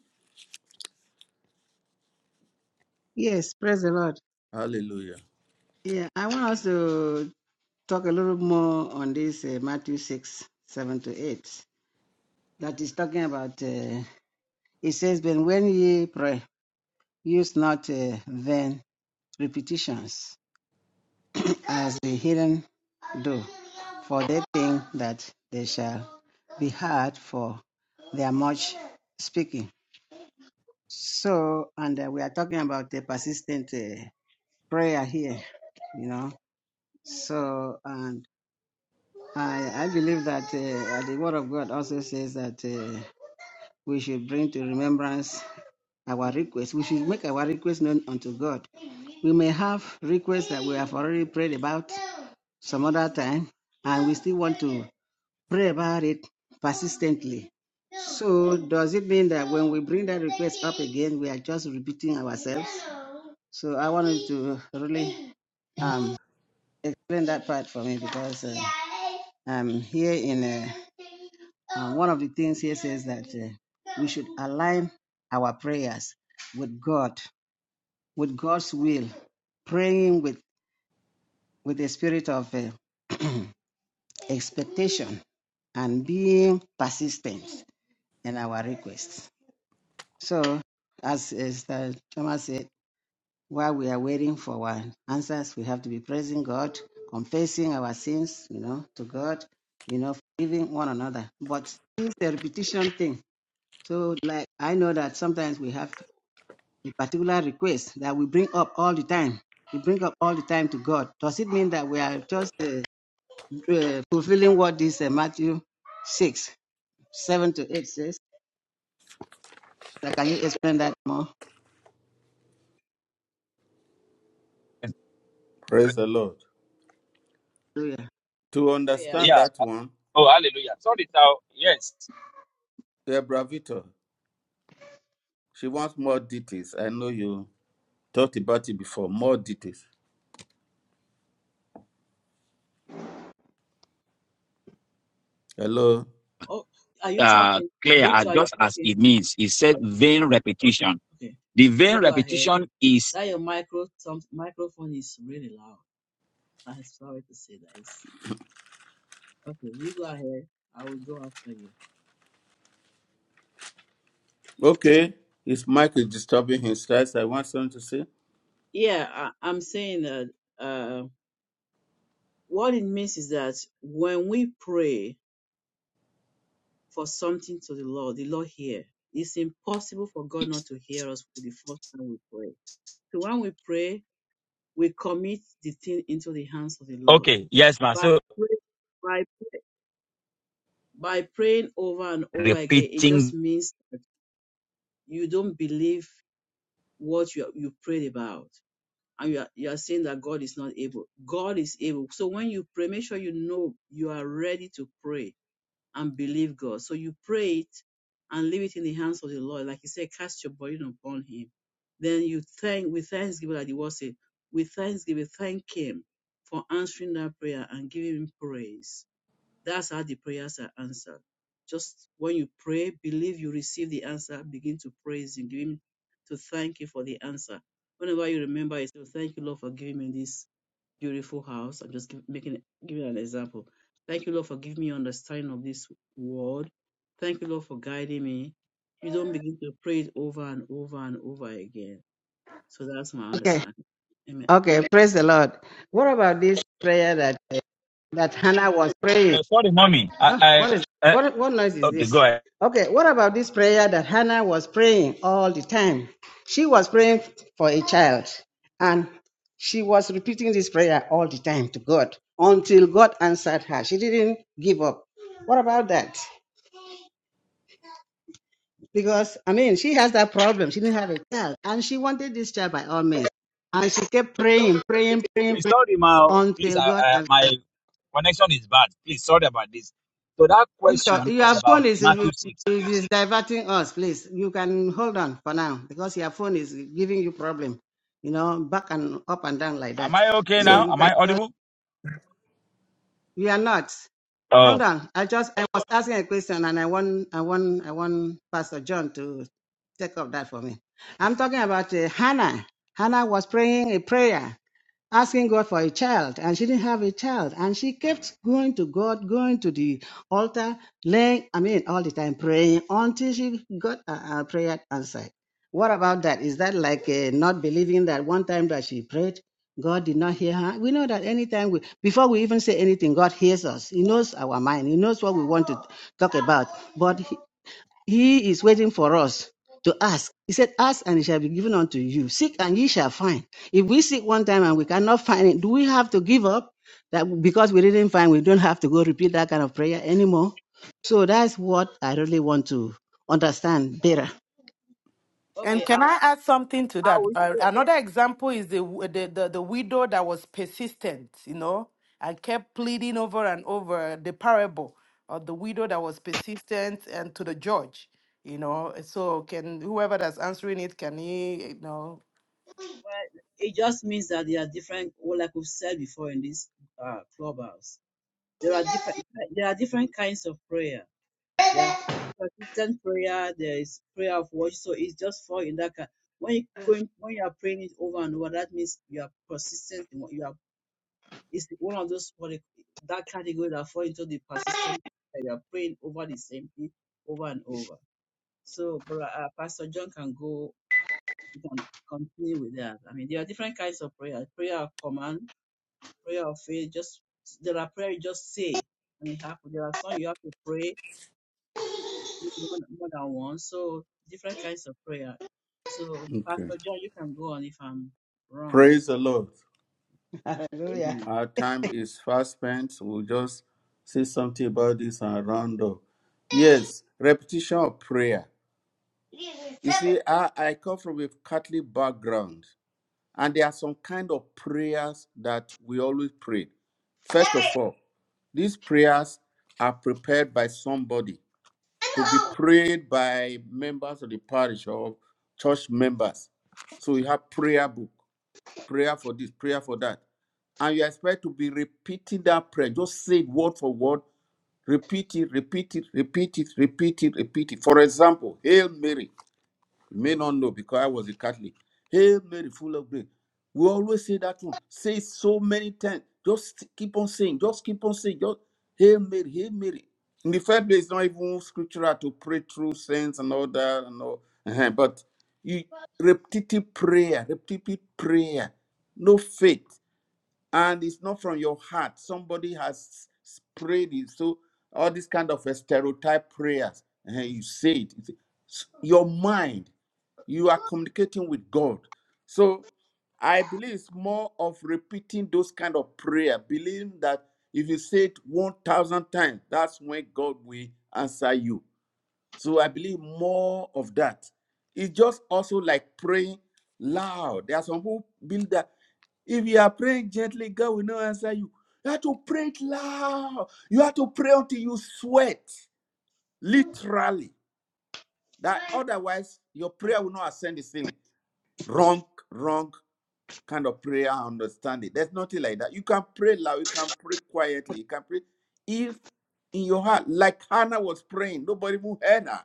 [SPEAKER 3] Yes, praise the Lord.
[SPEAKER 1] Hallelujah.
[SPEAKER 3] Yeah, I want us to talk a little more on this uh, Matthew 6 7 to 8. That is talking about, uh, it says, But when ye pray, use not uh, vain repetitions as the heathen do, for they think that they shall be heard for their much speaking. So, and uh, we are talking about the persistent uh, prayer here, you know. So, and I, I believe that uh, the Word of God also says that. Uh, we should bring to remembrance our requests. We should make our requests known unto God. We may have requests that we have already prayed about some other time, and we still want to pray about it persistently. So, does it mean that when we bring that request up again, we are just repeating ourselves? So, I wanted to really um, explain that part for me because uh, I'm here in. uh, Uh, one of the things here says that uh, we should align our prayers with God, with God's will, praying with, with a spirit of uh, [CLEARS THROAT] expectation and being persistent in our requests. So, as Mr. Chama said, while we are waiting for our answers, we have to be praising God, confessing our sins, you know, to God, you know, forgiving one another. But it's a repetition thing So, like, I know that sometimes we have a particular request that we bring up all the time. We bring up all the time to God. Does it mean that we are just uh, uh, fulfilling what this uh, Matthew 6, 7 to 8 says? Like, can you explain that more?
[SPEAKER 1] Praise the Lord. To
[SPEAKER 2] So yeah.
[SPEAKER 1] understand
[SPEAKER 5] Yeah.
[SPEAKER 1] that one,
[SPEAKER 5] Oh, that's yes.
[SPEAKER 1] Debra Vitor, she wants more details. I know you. Talked about it before. More details. Hello.
[SPEAKER 2] Oh, are you
[SPEAKER 5] Uh,
[SPEAKER 2] talking,
[SPEAKER 5] clear, uh,
[SPEAKER 2] Victor? Are you
[SPEAKER 5] just as
[SPEAKER 2] talking?
[SPEAKER 5] it means, it said vain repetition.
[SPEAKER 2] Okay,
[SPEAKER 5] The vain
[SPEAKER 2] you go ahead.
[SPEAKER 5] repetition is
[SPEAKER 2] That your micro some, microphone is really loud. I'm sorry to say that. It's, okay, you go ahead. I will go after you.
[SPEAKER 1] Okay. His mic is disturbing his stress. I want someone to say.
[SPEAKER 2] Yeah, I, I'm saying that. Uh, what it means is that when we pray, for something to the Lord, the Lord hear. It's impossible for God not to hear us For the first time we pray. So when we pray, we commit the thing into the hands of the Lord.
[SPEAKER 5] okay. Yes,
[SPEAKER 2] By
[SPEAKER 5] ma'am.
[SPEAKER 2] pray, by pray- by praying over and over again, it just
[SPEAKER 5] repeating.
[SPEAKER 2] means that you don't believe what you you prayed about, and you are you are saying that God is not able. God is able. So when you pray, make sure you know you are ready to pray and believe God. So you pray it and leave it in the hands of the Lord. Like he said, cast your burden upon him. Then you thank with thanksgiving, like the word said, with thanksgiving, thank him for answering that prayer and giving him praise. That's how the prayers are answered. Just when you pray, believe you receive the answer, begin to praise him, give him to thank you for the answer. Whenever you remember it, so thank you, Lord, for giving me this beautiful house. I'm just give, making giving an example. Thank you, Lord, for giving me understanding of this word. Thank you, Lord, for guiding me. You don't begin to pray it over and over and over again. So that's my
[SPEAKER 3] Okay.
[SPEAKER 2] understanding. Amen.
[SPEAKER 3] Okay. Praise the Lord. What about this prayer that uh, that Hannah was praying?
[SPEAKER 5] Uh, sorry, mommy. I,
[SPEAKER 3] Ah,
[SPEAKER 5] I
[SPEAKER 3] what, is,
[SPEAKER 5] uh,
[SPEAKER 3] what, what noise is
[SPEAKER 5] okay, go
[SPEAKER 3] this?
[SPEAKER 5] ahead.
[SPEAKER 3] Okay, what about this prayer that Hannah was praying all the time? She was praying for a child, and she was repeating this prayer all the time to God until God answered her. She didn't give up. What about that? Because, I mean, she has that problem. She didn't have a child, and she wanted this child by all means. And she kept praying, praying, praying, praying
[SPEAKER 5] Sorry, ma. Please, uh,
[SPEAKER 3] until God
[SPEAKER 5] uh,
[SPEAKER 3] answered.
[SPEAKER 5] my connection is bad. Please, sorry about this. So that
[SPEAKER 3] Victor,
[SPEAKER 5] question is
[SPEAKER 3] your phone
[SPEAKER 5] about
[SPEAKER 3] is, is
[SPEAKER 5] Matthew six.
[SPEAKER 3] is diverting us, please. You can hold on for now because your phone is giving you problem, you know, back and up and down like
[SPEAKER 5] Am
[SPEAKER 3] that.
[SPEAKER 5] I okay
[SPEAKER 3] So
[SPEAKER 1] Yeah.
[SPEAKER 5] now?
[SPEAKER 3] you
[SPEAKER 5] Am
[SPEAKER 3] can
[SPEAKER 5] I
[SPEAKER 3] just
[SPEAKER 5] audible?
[SPEAKER 3] we are not.
[SPEAKER 5] Oh,
[SPEAKER 3] Hold on. I just I was asking a question and I want I want I want Pastor John to take up that for me. I'm talking about uh, Hannah. Hannah was praying a prayer asking God for a child, and she didn't have a child, and she kept going to God, going to the altar, laying, I mean, all the time praying until she got a, a prayer answered. What about that? Is that like uh, not believing that one time that she prayed, God did not hear her? We know that anytime we, before we even say anything, God hears us. He knows our mind. He knows what we want to talk about. But he, he is waiting for us to ask. He said, Ask and it shall be given unto you. Seek and ye shall find. If we seek one time and we cannot find it, do we have to give up? That because we didn't find, we don't have to go repeat that kind of prayer anymore. So that's what I really want to understand better.
[SPEAKER 6] And
[SPEAKER 2] Okay, I,
[SPEAKER 6] can I add something to
[SPEAKER 2] I
[SPEAKER 6] that?
[SPEAKER 2] would
[SPEAKER 6] Uh,
[SPEAKER 2] say,
[SPEAKER 6] another example is the, w- the the the widow that was persistent, you know, and kept pleading over and over the parable of the widow that was persistent and to the judge, you know. So can whoever that's answering it can he, you know
[SPEAKER 2] well, it just means that there are different, well, like we've said before in this uh, clubhouse, there are different, there are different kinds of prayer There are persistent prayer. There is prayer of worship. So it's just fall in that. kind. When you going, when you are praying it over and over, that means you are persistent. in what You are. It's one of those what they- that category that fall into the persistent. That you are praying over the same thing over and over. So, Bro- uh, Pastor John can go. You can continue with that. I mean, there are different kinds of prayer. Prayer of command, prayer of faith. Just there are prayer you just say and it happens. There are some you have to pray maybe more more than one. So different kinds of prayer. So
[SPEAKER 1] Okay.
[SPEAKER 2] Pastor John, you can go on if I'm wrong, but
[SPEAKER 1] Praise the Lord.
[SPEAKER 3] Hallelujah.
[SPEAKER 2] amen.
[SPEAKER 1] Our time is fast spent. We'll just say something about this and round up. Yes, repetition of prayer. You see, I, I come from a Catholic background, and there are some kind of prayers that we always pray. First of all, these prayers are prepared by somebody to be prayed by members of the parish or church members. So you have prayer book, prayer for this, prayer for that. And you expect to be repeating that prayer. Just say it word for word. Repeat it, repeat it, repeat it, repeat it, repeat it. For example, Hail Mary. You may not know because I was a Catholic. Hail Mary, full of grace. We always say that one. Say it so many times. Just keep on saying. Just keep on saying. Just Hail Mary, Hail Mary. In the first place, it's not even scriptural to pray through saints and all that and all. Uh-huh. But you repetitive prayer, repetitive prayer, no faith and it's not from your heart. Somebody has s- prayed it. So all this kind of a stereotype prayers, and you say it. It's- s- Your mind, you are communicating with God. So I believe it's more of repeating those kind of prayer, believing that if you say it one thousand times, that's when God will answer you. So I believe more of that. It's just also like praying loud. There are some who build that. If you are praying gently, God will not answer you. You have to pray it loud. You have to pray until you sweat, literally. That otherwise your prayer will not ascend the ceiling. Wrong, wrong kind of prayer understanding. There's nothing like that. You can pray loud. You can pray quietly. You can pray if in your heart, like Hannah was praying. Nobody even heard her.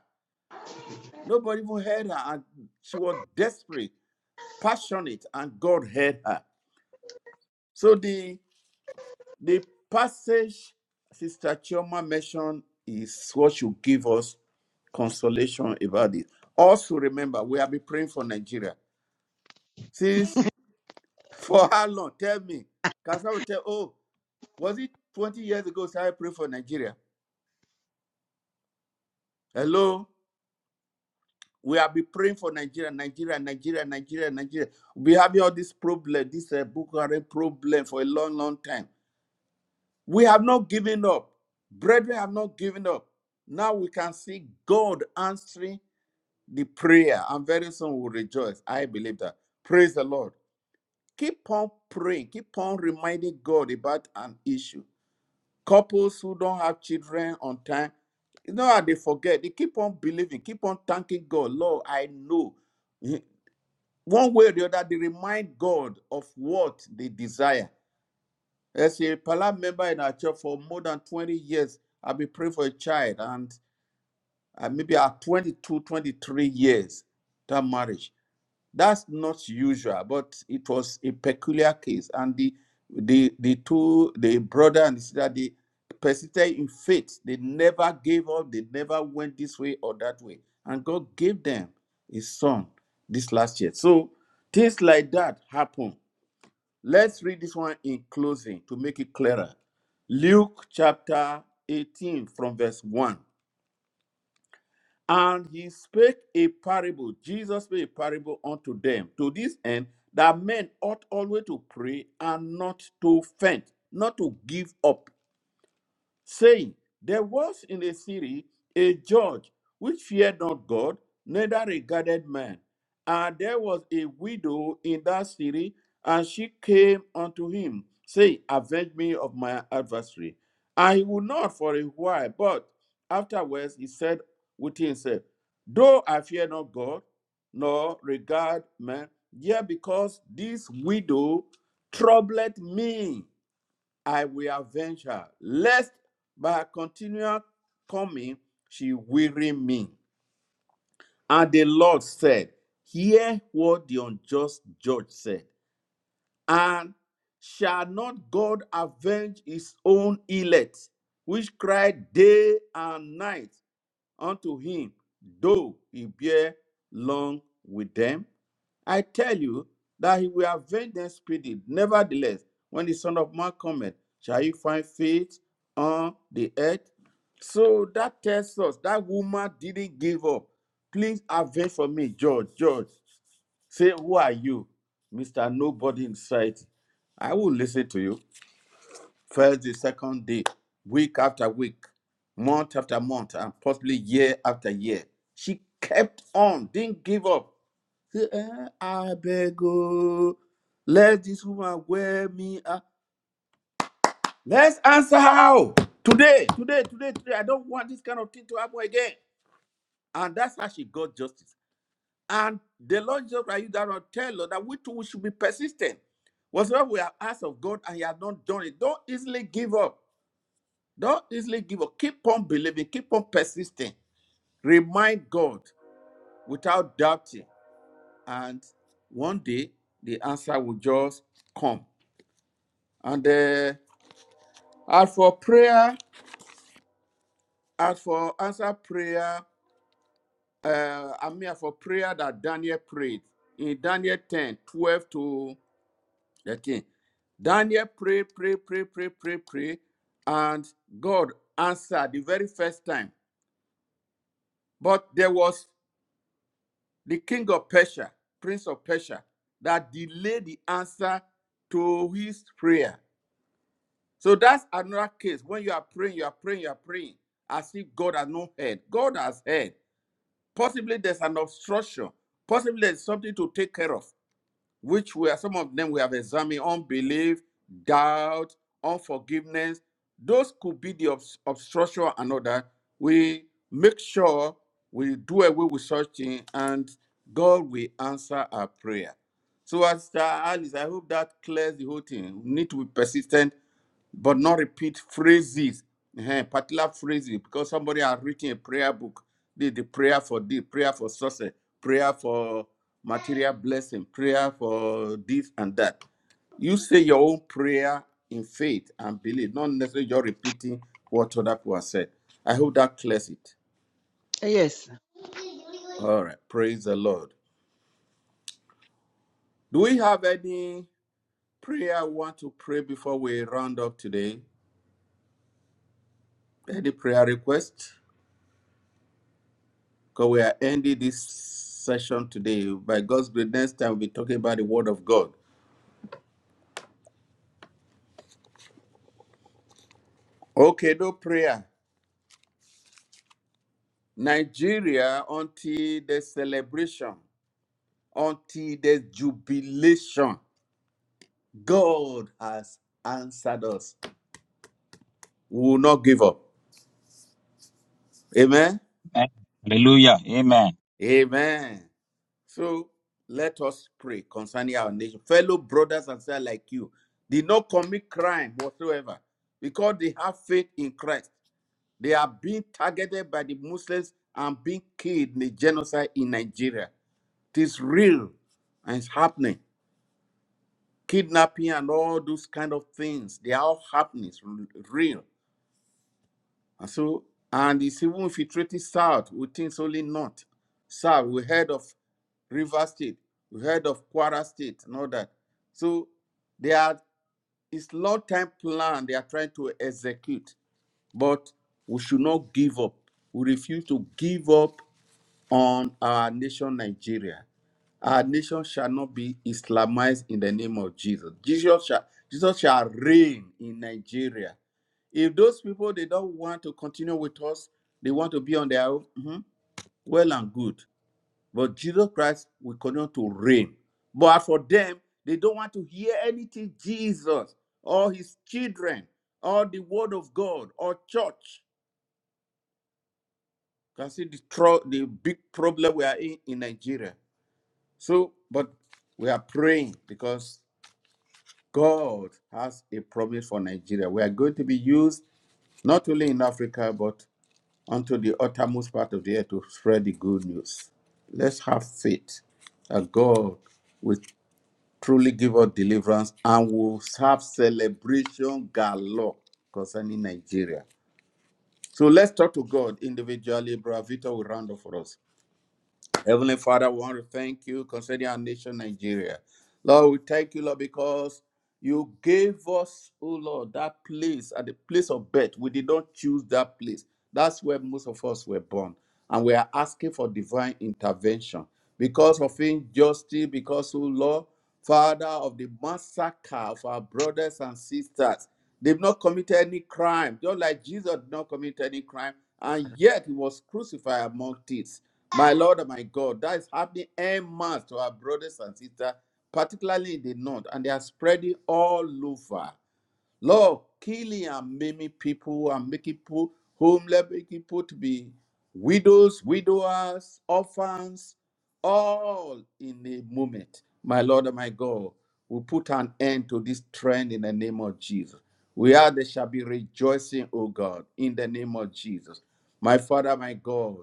[SPEAKER 1] Nobody even heard her, and she was desperate, passionate, and God heard her. So the the passage Sister Chioma mentioned is what should give us consolation about it. Also, remember, we have been praying for Nigeria. Since [LAUGHS] for how long? Tell me. Because I will tell? Oh, was it 20 years ago? So I prayed for Nigeria. Hello? We have been praying for Nigeria, Nigeria, Nigeria, Nigeria, Nigeria. We have all this problem, this uh, Boko Haram problem for a long, long time. We have not given up. Brethren have not given up. Now we can see God answering the prayer, and very soon we'll rejoice. I believe that. Praise the Lord. Keep on praying. Keep on reminding God about an issue. Couples who don't have children on time, you know how they forget. They keep on believing, keep on thanking God. Lord, I know. [LAUGHS] one way or the other, they remind God of what they desire. As a Palam member in our church for more than 20 years, I've been praying for a child, and uh, maybe at 22, 23 years, that marriage. That's not usual, but it was a peculiar case. And the the the two, the brother and the sister, they persisted in faith. They never gave up. They never went this way or that way. And God gave them his son this last year. So things like that happen. Let's read this one in closing to make it clearer. Luke chapter 18 from verse 1. And he spake a parable. Jesus spake a parable unto them to this end that men ought always to pray and not to faint, not to give up saying, There was in the city a judge which feared not God, neither regarded man. And there was a widow in that city, and she came unto him, saying, Avenge me of my adversary. And he would not for a while, but afterwards he said within himself, Though I fear not God, nor regard man, yet because this widow troubled me I will avenge her, lest by her continual coming she weary me. And the Lord said, Hear what the unjust judge said. And shall not God avenge his own elect, which cry day and night unto him, though he bear long with them? I tell you that he will avenge them speedily. Nevertheless, when the Son of Man cometh, shall he find faith on the earth? So that tells us that woman didn't give up. Please avenge for me, George. George, say, who are you, Mister Nobody in sight? I will listen to you first day, second day, week after week, month after month, and possibly year after year. She kept on, didn't give up. Eh, I beg you, let this woman wear me. out. Let's answer how today, today, today, today. I don't want this kind of thing to happen again. And that's how she got justice. And the Lord Jesus Christ used that to tell us that we too should be persistent. Whatsoever we have asked of God and He has not done it, don't easily give up. Don't easily give up. Keep on believing, keep on persisting. Remind God without doubting. And one day the answer will just come. And uh, as for prayer, as for answer prayer, uh, I mean, as for prayer that Daniel prayed in Daniel ten twelve 12 to 13, Daniel pray, pray, pray, pray, pray, pray, and God answered the very first time. But there was the king of Persia, prince of Persia, that delayed the answer to his prayer. So that's another case. When you are praying, you are praying, you are praying, as if God has not heard. God has heard. Possibly there's an obstruction. Possibly there's something to take care of which were some of them we have examined unbelief, doubt, unforgiveness. Those could be the obs- obstruction and other. We make sure we do away with such thing and God will answer our prayer. So, as Alice, I hope that clears the whole thing. We need to be persistent but not repeat phrases, eh, particular phrases, because somebody has written a prayer book. The, the prayer for this, prayer for success, prayer for material blessing, prayer for this and that. You say your own prayer in faith and belief, not necessarily you're repeating what other people have said. I hope that clears it.
[SPEAKER 3] Yes.
[SPEAKER 1] All right, praise the Lord. Do we have any prayer we want to pray before we round up today? Any prayer request? Because we are ending this session today. By God's grace, next time we'll be talking about the Word of God. Okay, no prayer. Nigeria until the celebration, until the jubilation. God has answered us. We will not give up. Amen.
[SPEAKER 5] eh, hallelujah, amen.
[SPEAKER 1] Amen. So let us pray concerning our nation. Fellow brothers and sisters like you did not commit crime whatsoever because they have faith in Christ. They are being targeted by the Muslims and being killed in the genocide in Nigeria. It is real and it's happening. Kidnapping and all those kind of things, they are all happening. It's r- real. And so, and it's even infiltrating South. We think it's only North. South, we heard of River State, we heard of Kwara State and all that. So they are it's long time plan they are trying to execute, but we should not give up. We refuse to give up on our nation, Nigeria. Our nation shall not be Islamized in the name of Jesus. Jesus shall, Jesus shall reign in Nigeria. If those people they don't want to continue with us, they want to be on their own. mhm, well and good. But Jesus Christ will continue to reign. But for them, they don't want to hear anything Jesus or his children or the word of God or church. Can see the, tro- the big problem we are in in Nigeria. So, but we are praying because God has a promise for Nigeria. We are going to be used not only in Africa, but unto the uttermost part of the earth to spread the good news. Let's have faith that God will truly give us deliverance and will have celebration galore concerning Nigeria. So let's talk to God individually. Brother Victor will round up for us. Heavenly Father, we want to thank you concerning our nation, Nigeria. Lord, we thank you, Lord, because you gave us, oh Lord, that place at the place of birth. We did not choose that place. That's where most of us were born. And we are asking for divine intervention because of injustice, because, oh Lord, Father of the massacre of our brothers and sisters. They've not committed any crime, just like Jesus did not commit any crime, and yet he was crucified among thieves. My Lord and my God, that is happening en masse to our brothers and sisters, particularly in the north, and they are spreading all over. Lord, killing and maiming people and making people homeless, making people to be widows, widowers, orphans, all in a moment. My Lord and my God, we put an end to this trend in the name of Jesus. We are there shall be rejoicing, O God, in the name of Jesus. My Father, my God,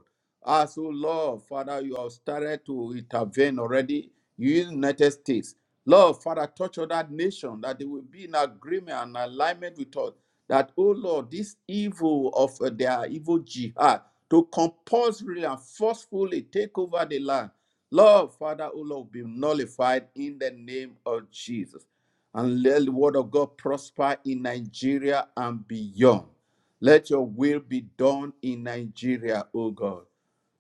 [SPEAKER 1] as O Lord, Father, you have started to intervene already. You in the United States. Lord, Father, touch on that nation that they will be in agreement and alignment with us. That, oh Lord, this evil of uh, their evil jihad to compulsorily and forcefully take over the land. Lord, Father, oh Lord, be nullified in the name of Jesus. And let the word of God prosper in Nigeria and beyond. Let your will be done in Nigeria, oh God.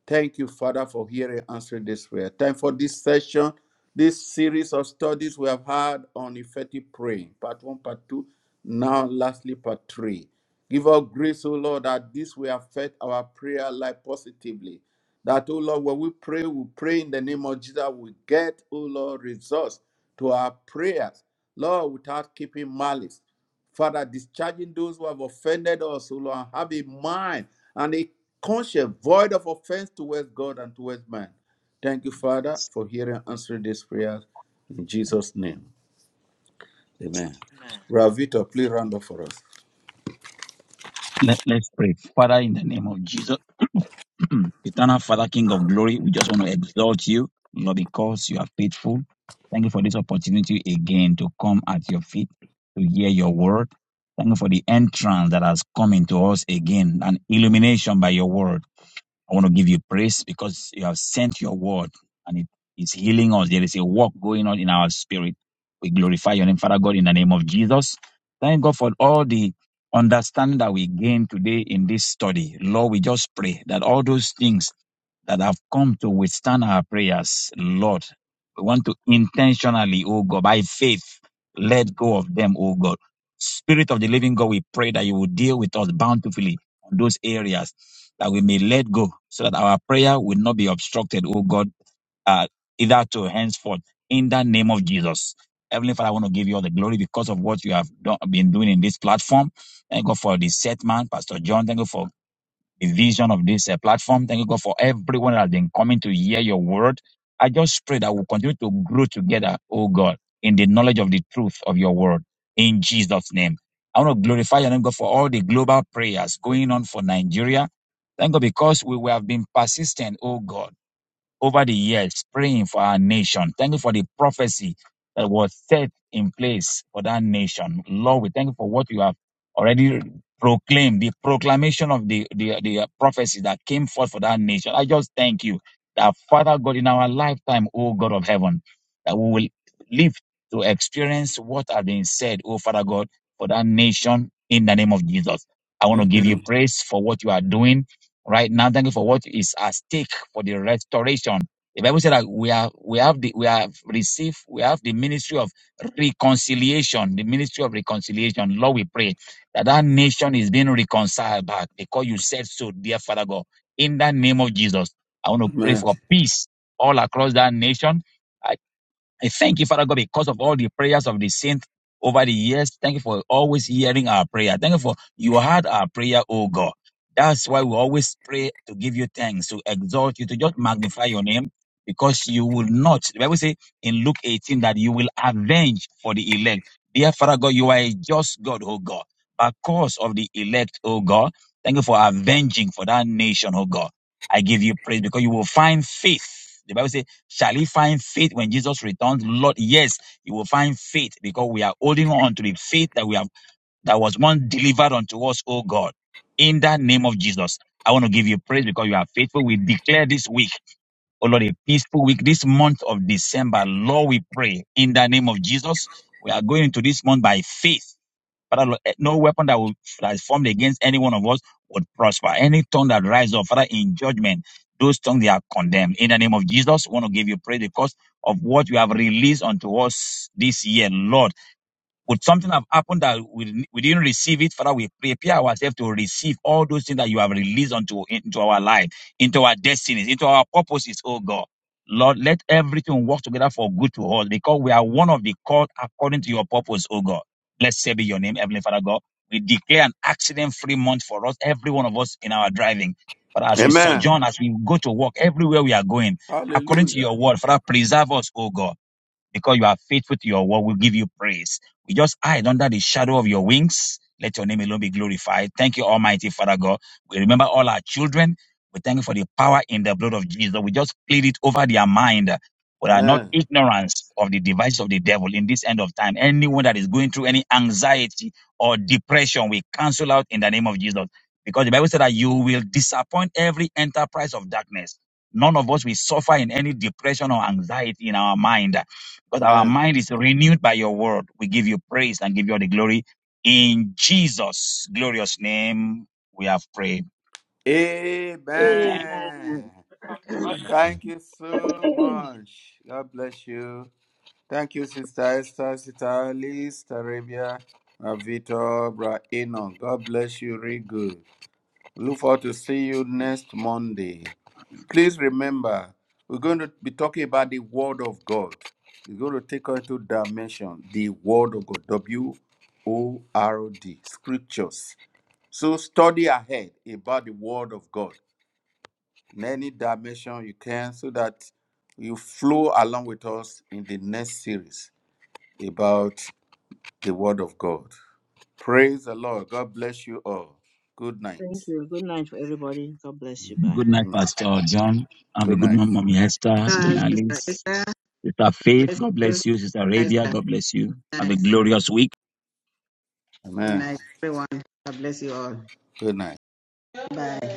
[SPEAKER 1] Thank you, Father, for hearing and answering this prayer. Time for this session, this series of studies we have had on effective praying, part one, part two, now lastly, part three. Give us grace, O Lord, that this will affect our prayer life positively. That, O Lord, when we pray, we pray in the name of Jesus, we get, O Lord, results to our prayers. Lord, without keeping malice. Father, discharging those who have offended us, O Lord, have a mind and a conscience void of offense towards God and towards man. Thank you, Father, for hearing and answering these prayers in Jesus' name. Amen. Ravito, please round up for us.
[SPEAKER 5] Let, let's pray. Father, in the name of Jesus. [CLEARS THROAT] Eternal Father, King of glory, we just want to exalt you, Lord, because you are faithful. Thank you for this opportunity again to come at your feet to hear your word. Thank you for the entrance that has come into us again, an illumination by your word. I want to give you praise because you have sent your word and it is healing us. There is a work going on in our spirit. We glorify your name, Father God, in the name of Jesus. Thank God for all the understanding that we gain today in this study. Lord, we just pray that all those things that have come to withstand our prayers, Lord. We want to intentionally, oh God, by faith, let go of them, oh God. Spirit of the living God, we pray that you will deal with us bountifully on those areas that we may let go so that our prayer will not be obstructed, oh God, uh, either to henceforth in the name of Jesus. Heavenly Father, I want to give you all the glory because of what you have done, been doing in this platform. Thank God for the set man, Pastor John. Thank God for the vision of this uh, platform. Thank you, God, for everyone that has been coming to hear your word. I just pray that we'll continue to grow together, oh God, in the knowledge of the truth of your word. In Jesus' name. I want to glorify your name, God, for all the global prayers going on for Nigeria. Thank God, because we, we have been persistent, oh God over the years praying for our nation. Thank you for the prophecy that was set in place for that nation. Lord, we thank you for what you have already proclaimed, the proclamation of the, the, the uh, prophecy that came forth for that nation. I just thank you that Father God in our lifetime, O God of heaven, that we will live to experience what has been said, O Father God, for that nation in the name of Jesus. I
[SPEAKER 1] [LAUGHS]
[SPEAKER 5] want to give you
[SPEAKER 1] Amen.
[SPEAKER 5] praise for what you are doing right now. Thank you for what is at stake for the restoration. The Bible said that we are we have the we have received we have the ministry of reconciliation, the ministry of reconciliation. Lord, we pray that that nation is being reconciled back because you said so, dear Father God. In the name of Jesus, I want to pray
[SPEAKER 1] Amen.
[SPEAKER 5] for peace all across that nation. I thank you, Father God, because of all the prayers of the saints over the years. Thank you for always hearing our prayer. Thank you for you heard our prayer, oh God. That's why we always pray to give you thanks, to exalt you, to just magnify your name, because you will not. The Bible says in Luke 18 that you will avenge for the elect. Dear Father God, you are a just God, oh God. Because of the elect, oh God, thank you for avenging for that nation, oh God. I give you praise because you will find faith. The Bible says Shall he find faith when Jesus returns? Lord, yes, he will find faith because we are holding on to the faith that we have that was once delivered unto us, oh God. In the name of Jesus, I want to give you praise because you are faithful. We declare this week, oh Lord, a peaceful week, this month of December. Lord, we pray in the name of Jesus. We are going into this month by faith Father, Lord, eh, no weapon that, will, that is formed against any one of us would prosper. Any tongue that rises up, Father, in judgment, those tongues they are condemned. In the name of Jesus, we want to give you praise because of what you have released unto us this year, Lord. Would something have happened that we, we didn't receive it? Father, we prepare ourselves to receive all those things that you have released onto into our life, into our destinies, into our purposes, oh God. Lord, let everything work together for good to us because we are one of the called according to your purpose, oh God. let's Blessed be your name, Heavenly Father God. We declare an accident free month for us, every one of us in our driving. But as we
[SPEAKER 1] Amen.
[SPEAKER 5] sojourn, as we go to work, everywhere we are going, according to
[SPEAKER 1] Hallelujah.
[SPEAKER 5] your word, Father, preserve us, oh God because you are faithful to your word, we give you praise. We just hide under the shadow of your wings. Let your name alone be glorified. Thank you, Almighty Father God. We remember all our children. We thank you for the power in the blood of Jesus. We just plead it over their mind. We are not
[SPEAKER 1] Amen.
[SPEAKER 5] ignorance of the devices of the devil in this end of time. Anyone that is going through any anxiety or depression, we cancel out in the name of Jesus. Because the Bible said that you will disappoint every enterprise of darkness. None of us will suffer in any depression or anxiety in our mind because our
[SPEAKER 1] Amen.
[SPEAKER 5] mind is renewed by your word. We give you praise and give you all the glory. In Jesus' glorious name, we have prayed. Amen.
[SPEAKER 1] Amen.
[SPEAKER 2] Amen.
[SPEAKER 7] Amen.
[SPEAKER 1] Thank you so much. God bless you. Thank you, Sister Esther, Sister Alice, Sister Arabia, uh, Bra Eno. God bless you, real good. Look forward to see you next Monday. Please remember, we're going to be talking about the Word of God. We're going to take on two dimension, the Word of God, W O R D, Scriptures. So study ahead about the Word of God in any dimension you can, so that you flow along with us in the next series about the word of God. Praise the Lord. God bless you all. Good night.
[SPEAKER 2] Thank you. Good night for everybody. God bless you. Bye.
[SPEAKER 5] Good night,
[SPEAKER 1] Amen.
[SPEAKER 5] Pastor John. Have a
[SPEAKER 1] Good
[SPEAKER 5] good
[SPEAKER 1] night.
[SPEAKER 5] night, Mommy Esther, Mommy
[SPEAKER 3] Uh, Sister
[SPEAKER 5] Alice,
[SPEAKER 3] Esther,
[SPEAKER 5] Sister Faith.
[SPEAKER 3] bless
[SPEAKER 5] God
[SPEAKER 3] you.
[SPEAKER 5] bless you, Sister
[SPEAKER 3] Nice,
[SPEAKER 5] Arabia. God bless you. Have a
[SPEAKER 3] nice.
[SPEAKER 5] glorious week.
[SPEAKER 3] Good
[SPEAKER 1] Amen.
[SPEAKER 3] night, everyone. God bless you all.
[SPEAKER 1] Good night.
[SPEAKER 3] Bye.